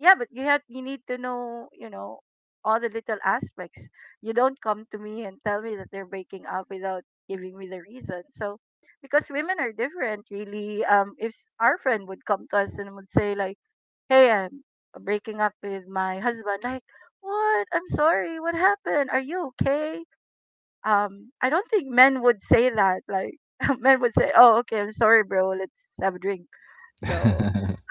S1: yeah, but you have, you need to know, you know, all the little aspects. You don't come to me and tell me that they're breaking up without giving me the reason. So, because women are different, really. Um if s- our friend would come to us and would say like, hey, I'm breaking up with my husband. Like, what, I'm sorry, what happened, are you okay? um I don't think men would say that. Like, men would say, oh, okay, I'm sorry bro, let's have a drink. So,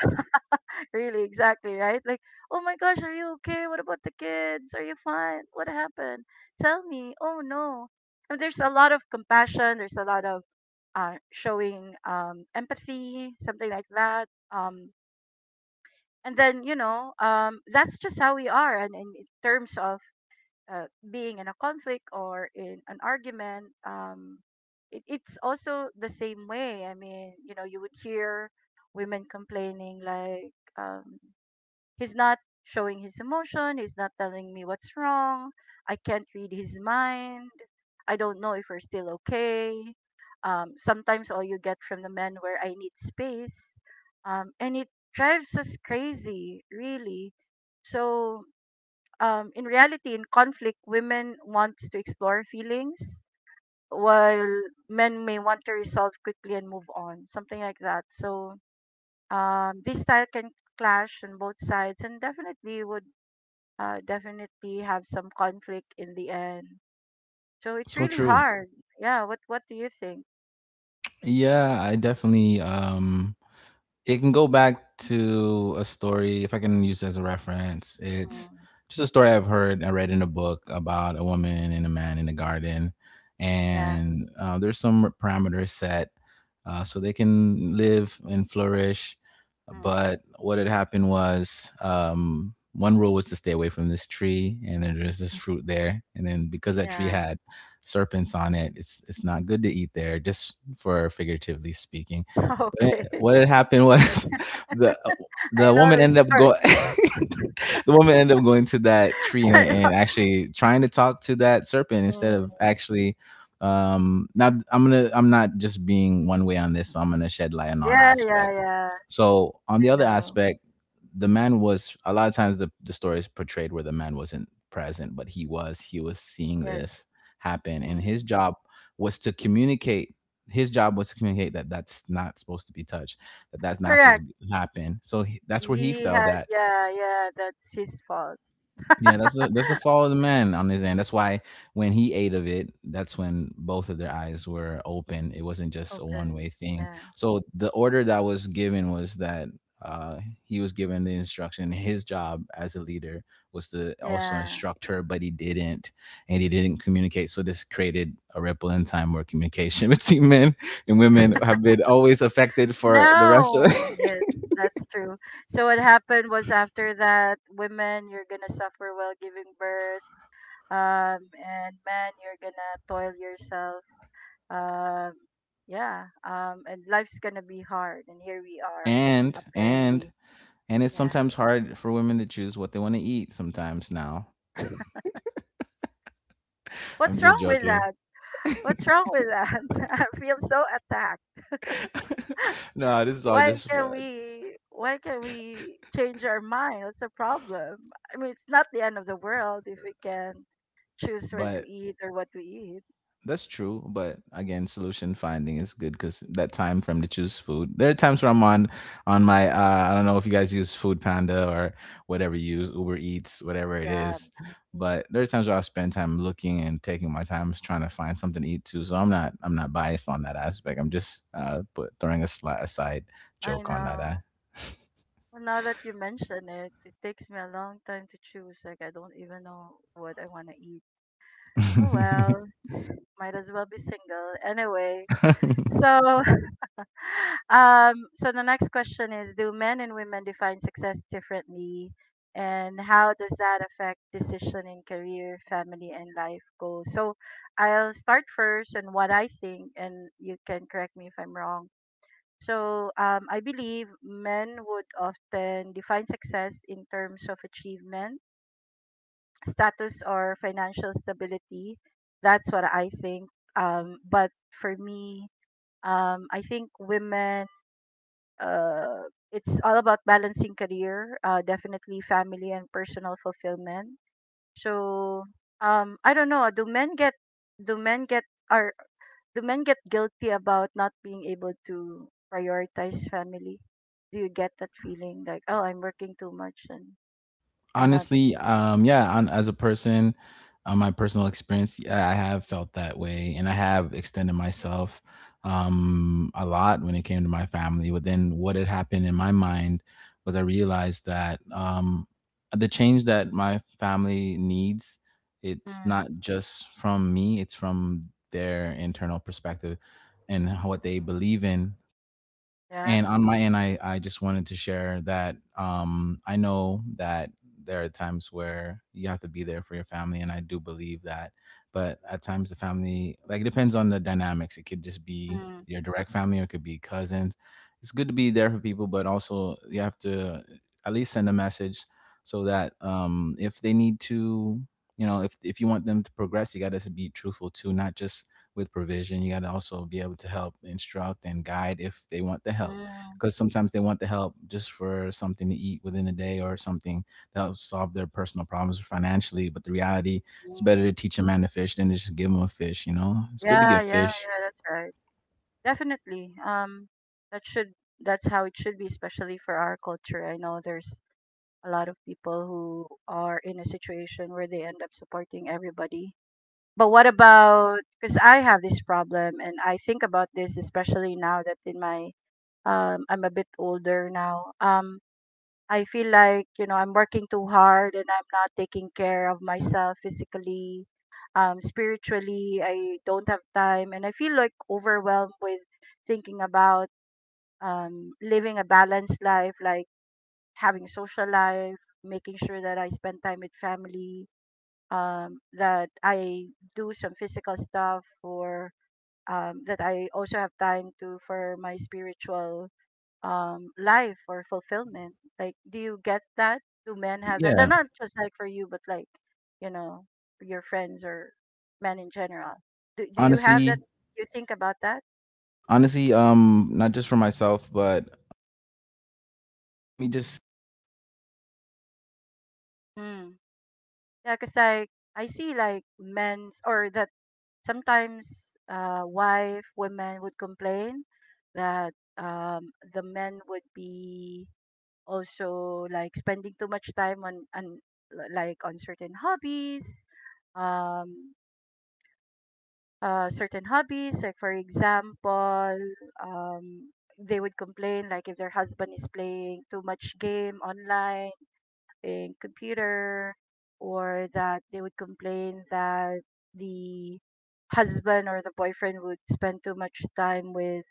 S1: really, exactly, right? Like, oh my gosh, are you okay? What about the kids? Are you fine? What happened? Tell me. Oh no. And there's a lot of compassion. There's a lot of uh, showing um, empathy, something like that. Um, and then, you know, um, that's just how we are. And in terms of uh, being in a conflict or in an argument, um, it, it's also the same way. I mean, you know, you would hear women complaining like, um, he's not showing his emotion. He's not telling me what's wrong. I can't read his mind. I don't know if we're still okay. Um, sometimes all you get from the men where I need space. Um, and it drives us crazy, really. So, um, in reality, in conflict, women wants to explore feelings, while men may want to resolve quickly and move on, something like that. So, um, this style can clash on both sides and definitely would uh, definitely have some conflict in the end. So it's
S2: So
S1: really
S2: true.
S1: hard. Yeah. What What do you think?
S2: Yeah, I definitely um it can go back to a story, if I can use it as a reference. It's
S1: Mm,
S2: just a story I've heard I read in a book about a woman and a man in a garden,
S1: yeah.
S2: and uh, there's some parameters set uh, so they can live and flourish.
S1: Mm,
S2: But what had happened was um, one rule was to stay away from this tree, and then there's this fruit there, and then because that tree
S1: yeah.
S2: had serpents on it, it's it's not good to eat there, just for figuratively speaking, but
S1: Okay.
S2: it- what had happened was the the
S1: I know
S2: woman
S1: this
S2: ended up
S1: story.
S2: going. The woman ended up going to that tree and, and actually trying to talk to that serpent instead of
S1: Mm,
S2: actually. Um, now I'm gonna I'm not just being one way on this. So I'm gonna shed light on all
S1: yeah. Yeah.
S2: aspects.
S1: Yeah.
S2: So on the
S1: I
S2: other
S1: know.
S2: aspect, the man was a lot of times the the story is portrayed where the man wasn't present, but he was. He was seeing
S1: Yes.
S2: this happen, and
S1: Mm.
S2: his job was to communicate his job was to communicate that that's not supposed to be touched, that that's not supposed to
S1: Correct.
S2: be, happen. So he, that's where he
S1: He
S2: felt
S1: had.
S2: that,
S1: Yeah. Yeah. That's his fault.
S2: yeah, that's the that's the fall of the man on his end. That's why when he ate of it, that's when both of their eyes were open. It wasn't just a one
S1: Open.
S2: way thing.
S1: Yeah.
S2: So the order that was given was that uh, he was given the instruction. His job as a leader was to also
S1: Yeah.
S2: instruct her, but he didn't, and he didn't communicate. So this created a ripple in time where communication between men and women have been always affected for the rest of.
S1: No. Yes, that's true. So what happened was after that, women, you're gonna suffer while giving birth. Um, and men, you're gonna toil yourself. Um, yeah. Um, and life's gonna be hard. And here we are,
S2: and and
S1: apparently.
S2: And it's
S1: Yeah.
S2: sometimes hard for women to choose what they want to eat sometimes now. I'm
S1: What's
S2: just
S1: wrong with
S2: joking.
S1: that? What's wrong with that? I feel so attacked.
S2: No, this is all
S1: Why
S2: just
S1: can
S2: fu-
S1: we? Why can we change our mind? What's the problem? I mean, it's not the end of the world if we can choose where to
S2: but
S1: eat or what to eat.
S2: that's true, but again, solution finding is good cuz that time for 'em to choose food. There are times where I'm on on my uh, I don't know if you guys use Food Panda or whatever you use, Uber Eats, whatever it
S1: Grab.
S2: is,
S1: Mm,
S2: but there are times where I spend time looking and taking my time trying to find something to eat too. So I'm not I'm not biased on that aspect. I'm just uh put, throwing a sli- aside
S1: I
S2: joke on that.
S1: know.
S2: Uh.
S1: Well, now that you mention it, it takes me a long time to choose. Like I don't even know what I want to eat. Oh well, might as well be single anyway. So, um, so the next question is: do men and women define success differently, and how does that affect decision in career, family, and life goals? So, I'll start first and what I think, and you can correct me if I'm wrong. So um, I believe men would often define success in terms of achievement, status, or financial stability. That's what I think. Um, but for me, um, I think women, uh, it's all about balancing career, uh, definitely family and personal fulfillment. So, um, I don't know. Do men get? Do men get? Are do men get guilty about not being able to prioritize family? Do you get that feeling like, oh, I'm working too much and I'm not.
S2: Honestly, um, yeah, on, as a person, on my personal experience, yeah, I have felt that way, and I have extended myself um, a lot when it came to my family. But then, what had happened in my mind was I realized that um, the change that my family needs, it's
S1: Mm.
S2: not just from me; it's from their internal perspective and what they believe in.
S1: Yeah?
S2: And on my end, I, I just wanted to share that um, I know that there are times where you have to be there for your family, and I do believe that. But at times, the family, like, it depends on the dynamics. It could just be
S1: Mm.
S2: your direct family, or it could be cousins. It's good to be there for people, but also you have to at least send a message so that, um, if they need to, you know, if if you want them to progress, you got to be truthful too, not just with provision. You got to also be able to help instruct and guide if they want the help,
S1: Mm.
S2: because sometimes they want the help just for something to eat within a day or something that helps solve their personal problems financially. But the reality, it's
S1: Mm.
S2: better to teach a man to fish than to just give him a fish. You know, it's good to
S1: Yeah,
S2: give
S1: yeah,
S2: fish.
S1: yeah, that's right. Definitely. Um, that should that's how it should be, especially for our culture. I know there's a lot of people who are in a situation where they end up supporting everybody. But what about, because I have this problem and I think about this, especially now that in my um I'm a bit older now. Um I feel like, you know, I'm working too hard, and I'm not taking care of myself physically, um spiritually. I don't have time, and I feel like overwhelmed with thinking about um living a balanced life, like having social life, making sure that I spend time with family, um that I do some physical stuff, or um, that I also have time to for my spiritual um life or fulfillment. Like, do you get that? Do men have that? No,
S2: Yeah,
S1: not just like for you, but like, you know your friends, or men in general. Do, do you have that?
S2: honestly,
S1: You think about that?
S2: honestly, um, not just for myself, but let me just,
S1: Mm. Yeah, because like, I see like men's or that sometimes uh wife women would complain that um the men would be also, like, spending too much time on on like on certain hobbies um uh, certain hobbies. Like, for example, um, they would complain, like, if their husband is playing too much game online in computer, or that they would complain that the husband or the boyfriend would spend too much time with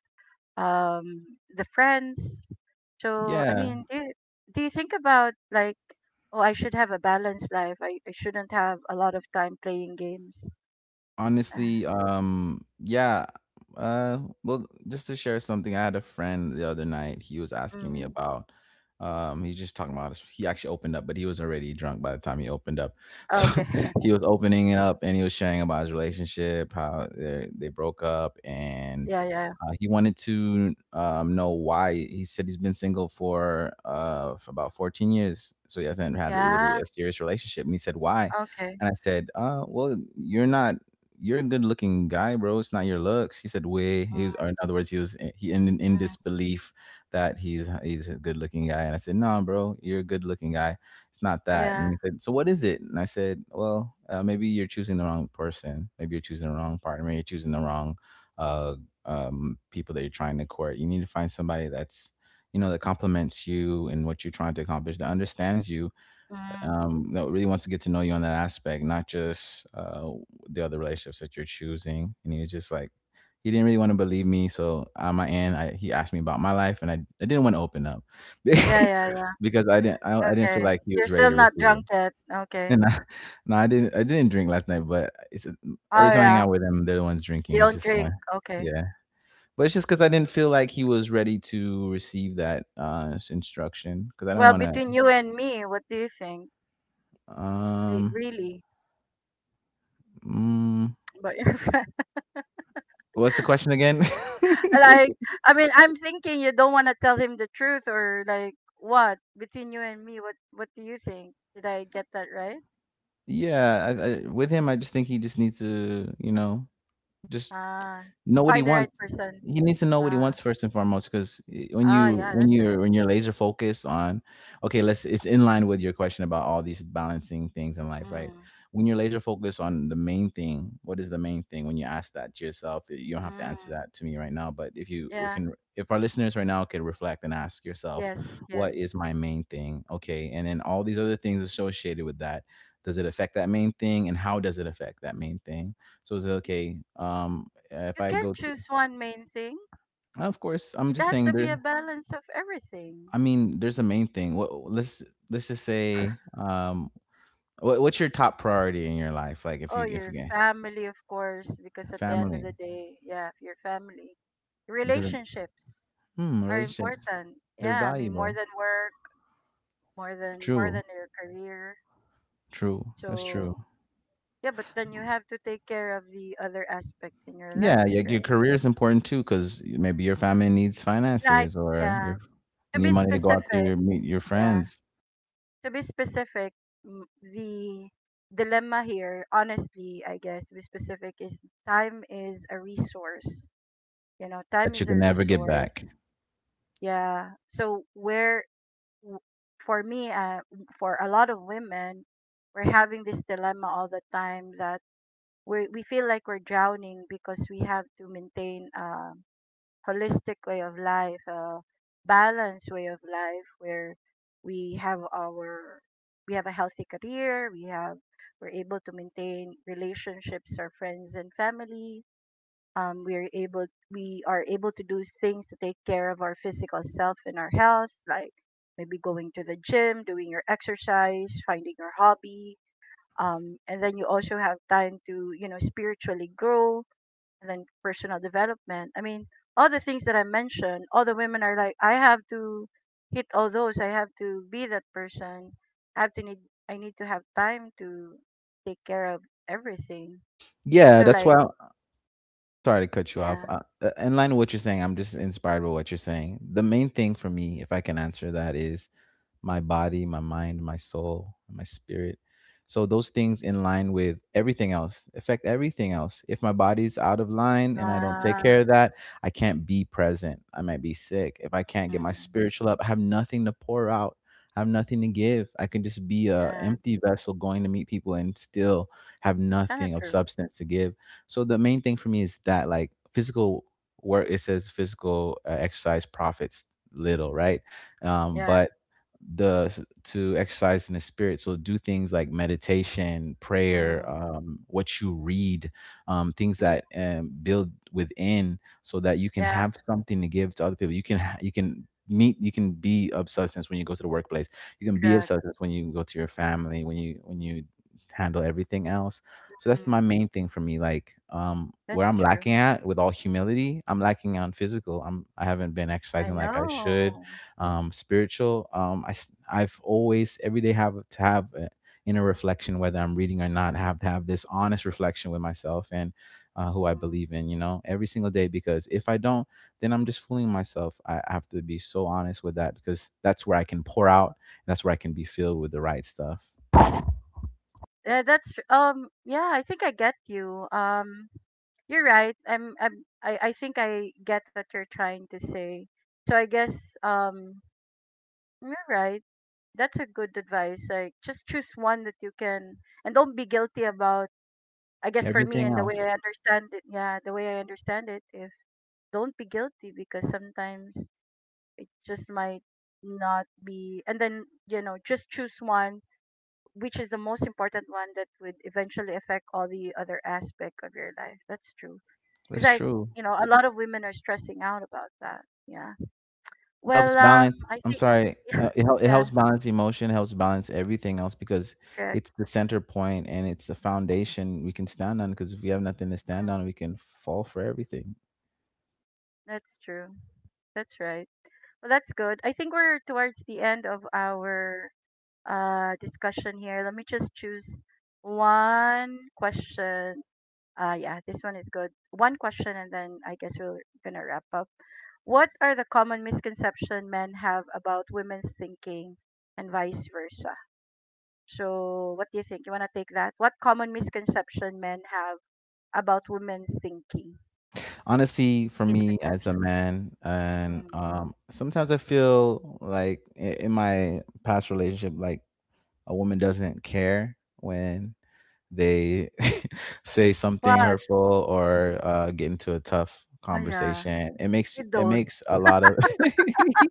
S1: um, the friends. So, I
S2: yeah.
S1: mean, do you, do you think about like, oh, I should have a balanced life. I, I shouldn't have a lot of time playing games.
S2: Honestly, um, yeah. Uh, well, just to share something, I had a friend the other night. He was
S1: Uh,
S2: asking me
S1: mm,
S2: about. Um, he just talking about his. He actually opened up, but he was already drunk by the time he opened up. So
S1: okay.
S2: he was opening it up, and he was sharing about his relationship, how they they broke up, and
S1: Yeah, yeah.
S2: uh, he wanted to um, know why. He said he's been single for uh for about fourteen years, so he hasn't had really
S1: Yeah.
S2: a serious relationship. And he said why,
S1: Okay.
S2: and I said, uh, well, you're not you're a good looking guy, bro. It's not your looks. He said, way. He
S1: Mm.
S2: was, or in other words, he was eh, he in in
S1: Mm.
S2: disbelief that he's he's a good looking guy. And I said, no, bro, you're a good looking guy. It's not that.
S1: Yeah.
S2: And he said, so what is it? And I said, well, uh, maybe you're choosing the wrong person. Maybe you're choosing the wrong partner. Maybe you're choosing the wrong uh, um, people that you're trying to court. You need to find somebody that's, you know, that complements you and what you're trying to accomplish, that understands you,
S1: Mm.
S2: um, that really wants to get to know you on that aspect, not just uh, the other relationships that you're choosing. And he was just like, he didn't really want to believe me. So on my end, I, he asked me about my life, and I, I didn't want to open up
S1: Yeah, yeah, yeah.
S2: because I didn't I, I didn't feel
S1: Okay.
S2: like he
S1: You're
S2: was ready
S1: still
S2: to
S1: not
S2: receive it.
S1: drunk yet. Okay.
S2: And I, no, I didn't I didn't drink last night, but it's every
S1: Oh
S2: time I hang
S1: yeah.
S2: out with them, they're the ones
S1: You
S2: drinking. It's
S1: don't
S2: just my,
S1: drink. Okay.
S2: yeah, but it's just because I didn't feel like he was ready to receive that uh, s- instruction because I don't
S1: Well,
S2: want to.
S1: between you and me, what do you think? Re-
S2: Um,
S1: really?
S2: mm,
S1: But your friend,
S2: What's the question again?
S1: like, I mean, I'm thinking you don't want to tell him the truth, or like, what? Between you and me, what, what do you think? Did I get that right?
S2: Yeah, I, I, with him, I just think he just needs to, you know, just
S1: Ah,
S2: know what he
S1: find the right
S2: wants.
S1: person.
S2: He needs to know what he
S1: Ah,
S2: wants first and foremost, because when
S1: ah,
S2: you
S1: yeah,
S2: when
S1: that's right.
S2: you're when you're laser focused on, okay, let's it's in line with your question about all these balancing things in life, right?
S1: Mm.
S2: When you're laser focused on the main thing, what is the main thing? When you ask that to yourself, eh, you don't have to answer
S1: Mm.
S2: that to me right now. But if you re-
S1: Yeah.
S2: can, if our listeners right now could reflect and ask yourself,
S1: Yes,
S2: what
S1: yes.
S2: is my main thing? Okay, and then all these other things associated with that, does it affect that main thing, and how does it affect that main thing? So it's okay. Um, if
S1: You
S2: I
S1: can't
S2: go to,
S1: choose one main thing.
S2: of course, I'm
S1: It
S2: just
S1: has
S2: saying
S1: to be
S2: there's.
S1: a balance of everything.
S2: I mean, there's a main thing. What let's let's just say, um, what, what's your top priority in your life? Like, if
S1: Oh,
S2: you if you
S1: your
S2: can
S1: family, of course, because at the end of the
S2: family,
S1: day, yeah, your family.
S2: because
S1: Relationships
S2: hmm,
S1: are
S2: relationships,
S1: important.
S2: they're
S1: Yeah, I mean more
S2: valuable.
S1: than work, more than more
S2: True,
S1: than your career.
S2: true. That's true.
S1: So, yeah, but then you have to take care of the other aspect in your
S2: Yeah,
S1: life,
S2: yeah.
S1: right?
S2: Your career is important too, because maybe your family needs
S1: And I
S2: finances, or
S1: yeah,
S2: your
S1: to
S2: you
S1: be
S2: need money to go out
S1: specific,
S2: to meet your
S1: yeah.
S2: friends
S1: To be specific, m- the dilemma here, honestly, I guess, to be specific, is time is a resource. You know, time
S2: that you
S1: is a
S2: can never get
S1: resource.
S2: back.
S1: Yeah. So where, w- for me, uh, for a lot of women, we're having this dilemma all the time that we we feel like we're drowning because we have to maintain um holistic way of life, a balanced way of life where we have our we have a healthy career, we have we're able to maintain relationships, our friends and family. Um, we're able we are able to do things to take care of our physical self and our health, like maybe going to the gym, doing your exercise, finding your hobby. Um, and then you also have time to, you know, spiritually grow, and then personal development. I mean, all the things that I mentioned, all the women are like, I have to hit all those. I have to be that person. I have to need. I need to have time to take care of everything.
S2: Yeah,
S1: So
S2: that's
S1: like,
S2: why I'm sorry to cut you off.
S1: yeah.
S2: Uh, uh, in line with what you're saying, I'm just inspired by what you're saying. The main thing for me, if I can answer that, is my body, my mind, my soul, and my spirit. So those things in line with everything else affect everything else. If my body's out of line and I don't take
S1: uh,
S2: care of that, I can't be present. I might be sick. If I can't get my
S1: mm,
S2: spiritual up, I have nothing to pour out. I have nothing to give. I can just be a
S1: yeah,
S2: empty vessel going to meet people and still have
S1: kind of
S2: nothing of
S1: true.
S2: substance to give. So the main thing for me is that like physical work. It says physical uh, exercise profits little, right? Um,
S1: Yeah.
S2: but the to exercise in the spirit, so do things like meditation, prayer,
S1: Mm.
S2: um, what you read, um, things
S1: Mm.
S2: that um, build within so that you can
S1: Yeah,
S2: have something to give to other people. You can ha- you can meet, you can be of substance when you go to the workplace, you can be of
S1: correct.
S2: substance when you go to your family, when you when you handle everything else. So that's my
S1: Mm,
S2: main thing for me, like, um where
S1: that's
S2: I'm
S1: true.
S2: lacking at, with all humility, I'm lacking on physical. i'm I haven't been
S1: I
S2: exercising like I should.
S1: know.
S2: um, spiritual. Um, I s- I've always every day have to have a inner reflection, whether I'm reading or not. I have to have this honest reflection with myself and uh, who I believe in. You know, every single day, because if I don't, then I'm just fooling myself. I I have to be so honest with that because that's where I can pour out. That's where I can be filled with the right stuff.
S1: Yeah, that's tr- um. Yeah, I think I get you. Um, You're right. I'm, I'm I, I think I get what you're trying to say. So I guess, um you're right. That's a good advice. Like, just choose one that you can, and don't be guilty about. I guess, for me,
S2: Everything
S1: and the way
S2: else,
S1: I understand it yeah, the way I understand it, if Don't be guilty because sometimes just might not be, and then, you know, just choose one, which is the most important one that would eventually affect all the other aspect of your life. That's true. Because
S2: that's
S1: I,
S2: true.
S1: you know, a lot of women are stressing out about that. Yeah.
S2: It helps
S1: Well, um,
S2: balance,
S1: I
S2: I'm
S1: think,
S2: sorry
S1: yeah,
S2: uh, it, hel- it
S1: yeah,
S2: helps balance emotion, helps balance everything else because
S1: correct.
S2: it's the center point and it's a foundation we can stand on, because if we have nothing to stand
S1: Mm.
S2: on, we can fall for everything.
S1: That's true. That's right. Well, that's good. I think we're towards the end of our uh discussion here. Let me just choose one question. Uh, yeah, this one is good. One question, and then I guess we're gonna wrap up. What are the common misconception men have about women's thinking, and vice versa? So, what do you think? You want to take that? What common misconception men have about women's thinking?
S2: Honestly, for me as a
S1: Misconception.
S2: man, and
S1: Mm.
S2: um sometimes I feel like i- in my past relationship, like, a woman doesn't care when they say something
S1: What?
S2: hurtful or uh, get into a tough
S1: Oh yeah,
S2: conversation. It makes
S1: we
S2: it
S1: don't.
S2: makes a lot of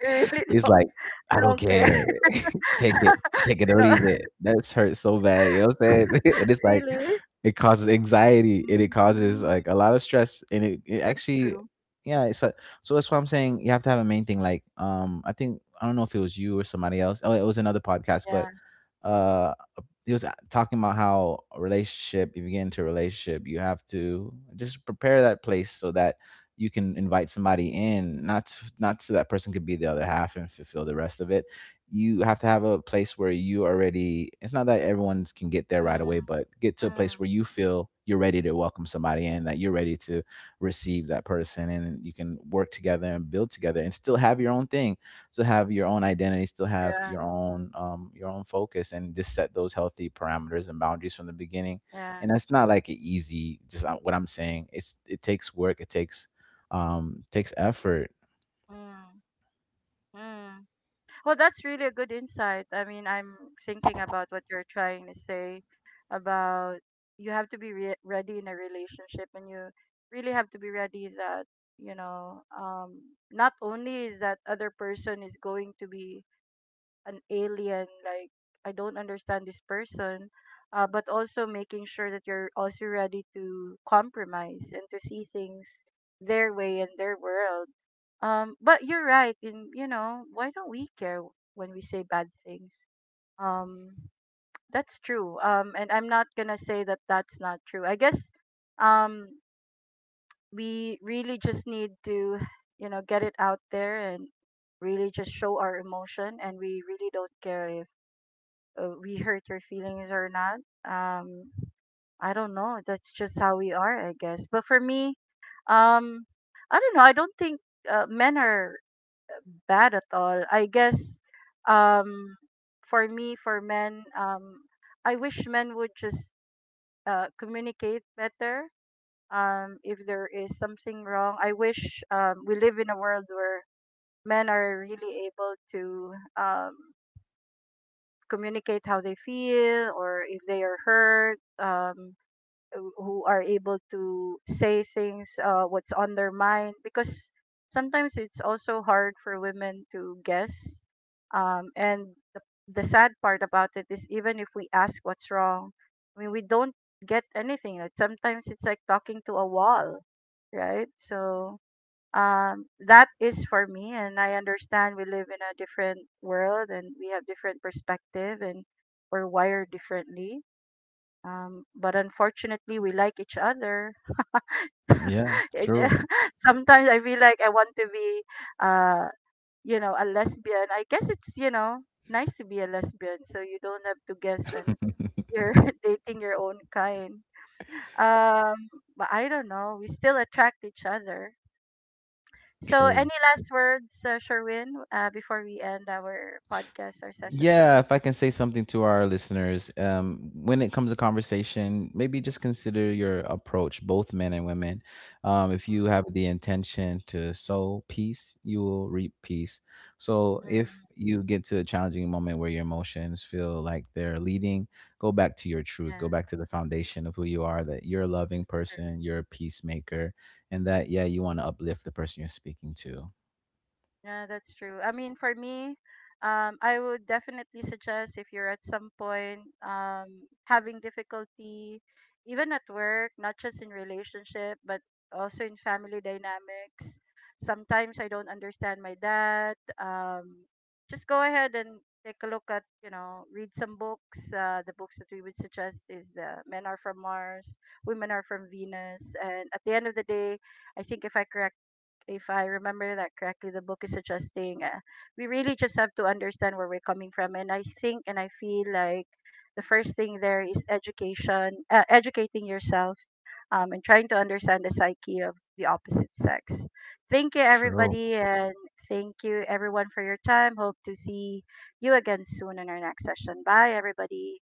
S1: We really
S2: it's
S1: don't.
S2: like
S1: We
S2: I don't
S1: don't care.
S2: care. take it, take it
S1: you
S2: or
S1: know,
S2: leave it. That's hurt so bad. You know what I'm saying? And it's like
S1: Really?
S2: it causes anxiety and it causes
S1: Mm,
S2: like a lot of stress, and it, it
S1: that's
S2: actually,
S1: true.
S2: yeah, it's a, so that's why I'm saying you have to have a main thing. Like, um, I think I don't know if it was you or somebody else. Oh, it was another podcast, but
S1: Yeah.
S2: uh he was uh, talking about how a relationship, if you get into a relationship, you have to just prepare that place so that you can invite somebody in, not to, not so that person could be the other half and fulfill the rest of it. You have to have a place where you already. It's not that everyone can get there right away,
S1: Mm.
S2: but get to a place
S1: Mm.
S2: where you feel you're ready to welcome somebody in, that you're ready to receive that person, and you can work together and build together, and still have your own thing, still have your own identity, still have
S1: Yeah.
S2: your own um your own focus, and just set those healthy parameters and boundaries from the beginning.
S1: Yeah.
S2: And that's not like an easy. Just uh, what I'm saying. It's it takes work. It takes um takes effort.
S1: Mm. Mm. Well, that's really a good insight. I mean, I'm thinking about what you're trying to say about you have to be re- ready in a relationship, and you really have to be ready that, you know, um, not only is that other person is going to be an alien, like I don't understand this person, uh, but also making sure that you're also ready to compromise and to see things their way and their world. Um but you're right in, you know why don't we care when we say bad things. um that's true. Um and I'm not gonna say that that's not true, I guess. um we really just need to, you know get it out there, and really just show our emotion, and we really don't care if, uh, we hurt your feelings or not. Um, I don't know. That's just how we are, I guess. But for me, um, I don't know. I don't think uh, men are bad at all. I guess, um, for me, for men, um, I wish men would just uh, communicate better. Um, if there is something wrong, I wish, um, we live in a world where men are really able to, um, communicate how they feel, or if they are hurt, um who who are able to say things, uh what's on their mind, because sometimes it's also hard for women to guess. Um and the, the sad part about it is, even if we ask what's wrong, I mean, we don't get anything, like sometimes it's like talking to a wall, right? So, um, that is for me, and I understand, we live in a different world, and we have different perspective, and we're wired differently. Um, but unfortunately, we like each other.
S2: Yeah,
S1: It-
S2: true,
S1: Sometimes I feel like I want to be, uh, you know a lesbian. I guess it's, you know nice to be a lesbian, so you don't have to guess, and you're dating your own kind. um, but I don't know, we still attract each other. So, any
S2: true.
S1: last words, uh, Sherwin, uh, before we end our podcast or session
S2: Yeah,
S1: today?
S2: if I can say something to our listeners, um, when it comes to conversation, maybe just consider your approach, both men and women. um, if you have the intention to sow peace, you will reap peace. So if
S1: Mm-hmm.
S2: you get to a challenging moment where your emotions feel like they're leading, go back to your truth, go
S1: Yeah,
S2: back to the foundation of who you are, that you're a loving
S1: it's true.
S2: person, you're a peacemaker, and that, yeah, you want to uplift the person you're speaking to.
S1: Yeah, that's true. I mean, for me, um, I would definitely suggest, if you're at some point, um, having difficulty, even at work, not just in relationship, but also in family dynamics. Sometimes I don't understand my dad. Um, just go ahead and take a look at, you know, read some books. Uh, the books that we would suggest is the "Men Are From Mars, Women Are From Venus." And at the end of the day, I think, if I correct if I remember that correctly, the book is suggesting, uh, we really just have to understand where we're coming from. And I think and I feel like the first thing there is education, uh, educating yourself, um, and trying to understand the psyche of the opposite sex. Thank you,
S2: True.
S1: everybody, and thank you, everyone, for your time. Hope to see you again soon in our next session. Bye, everybody.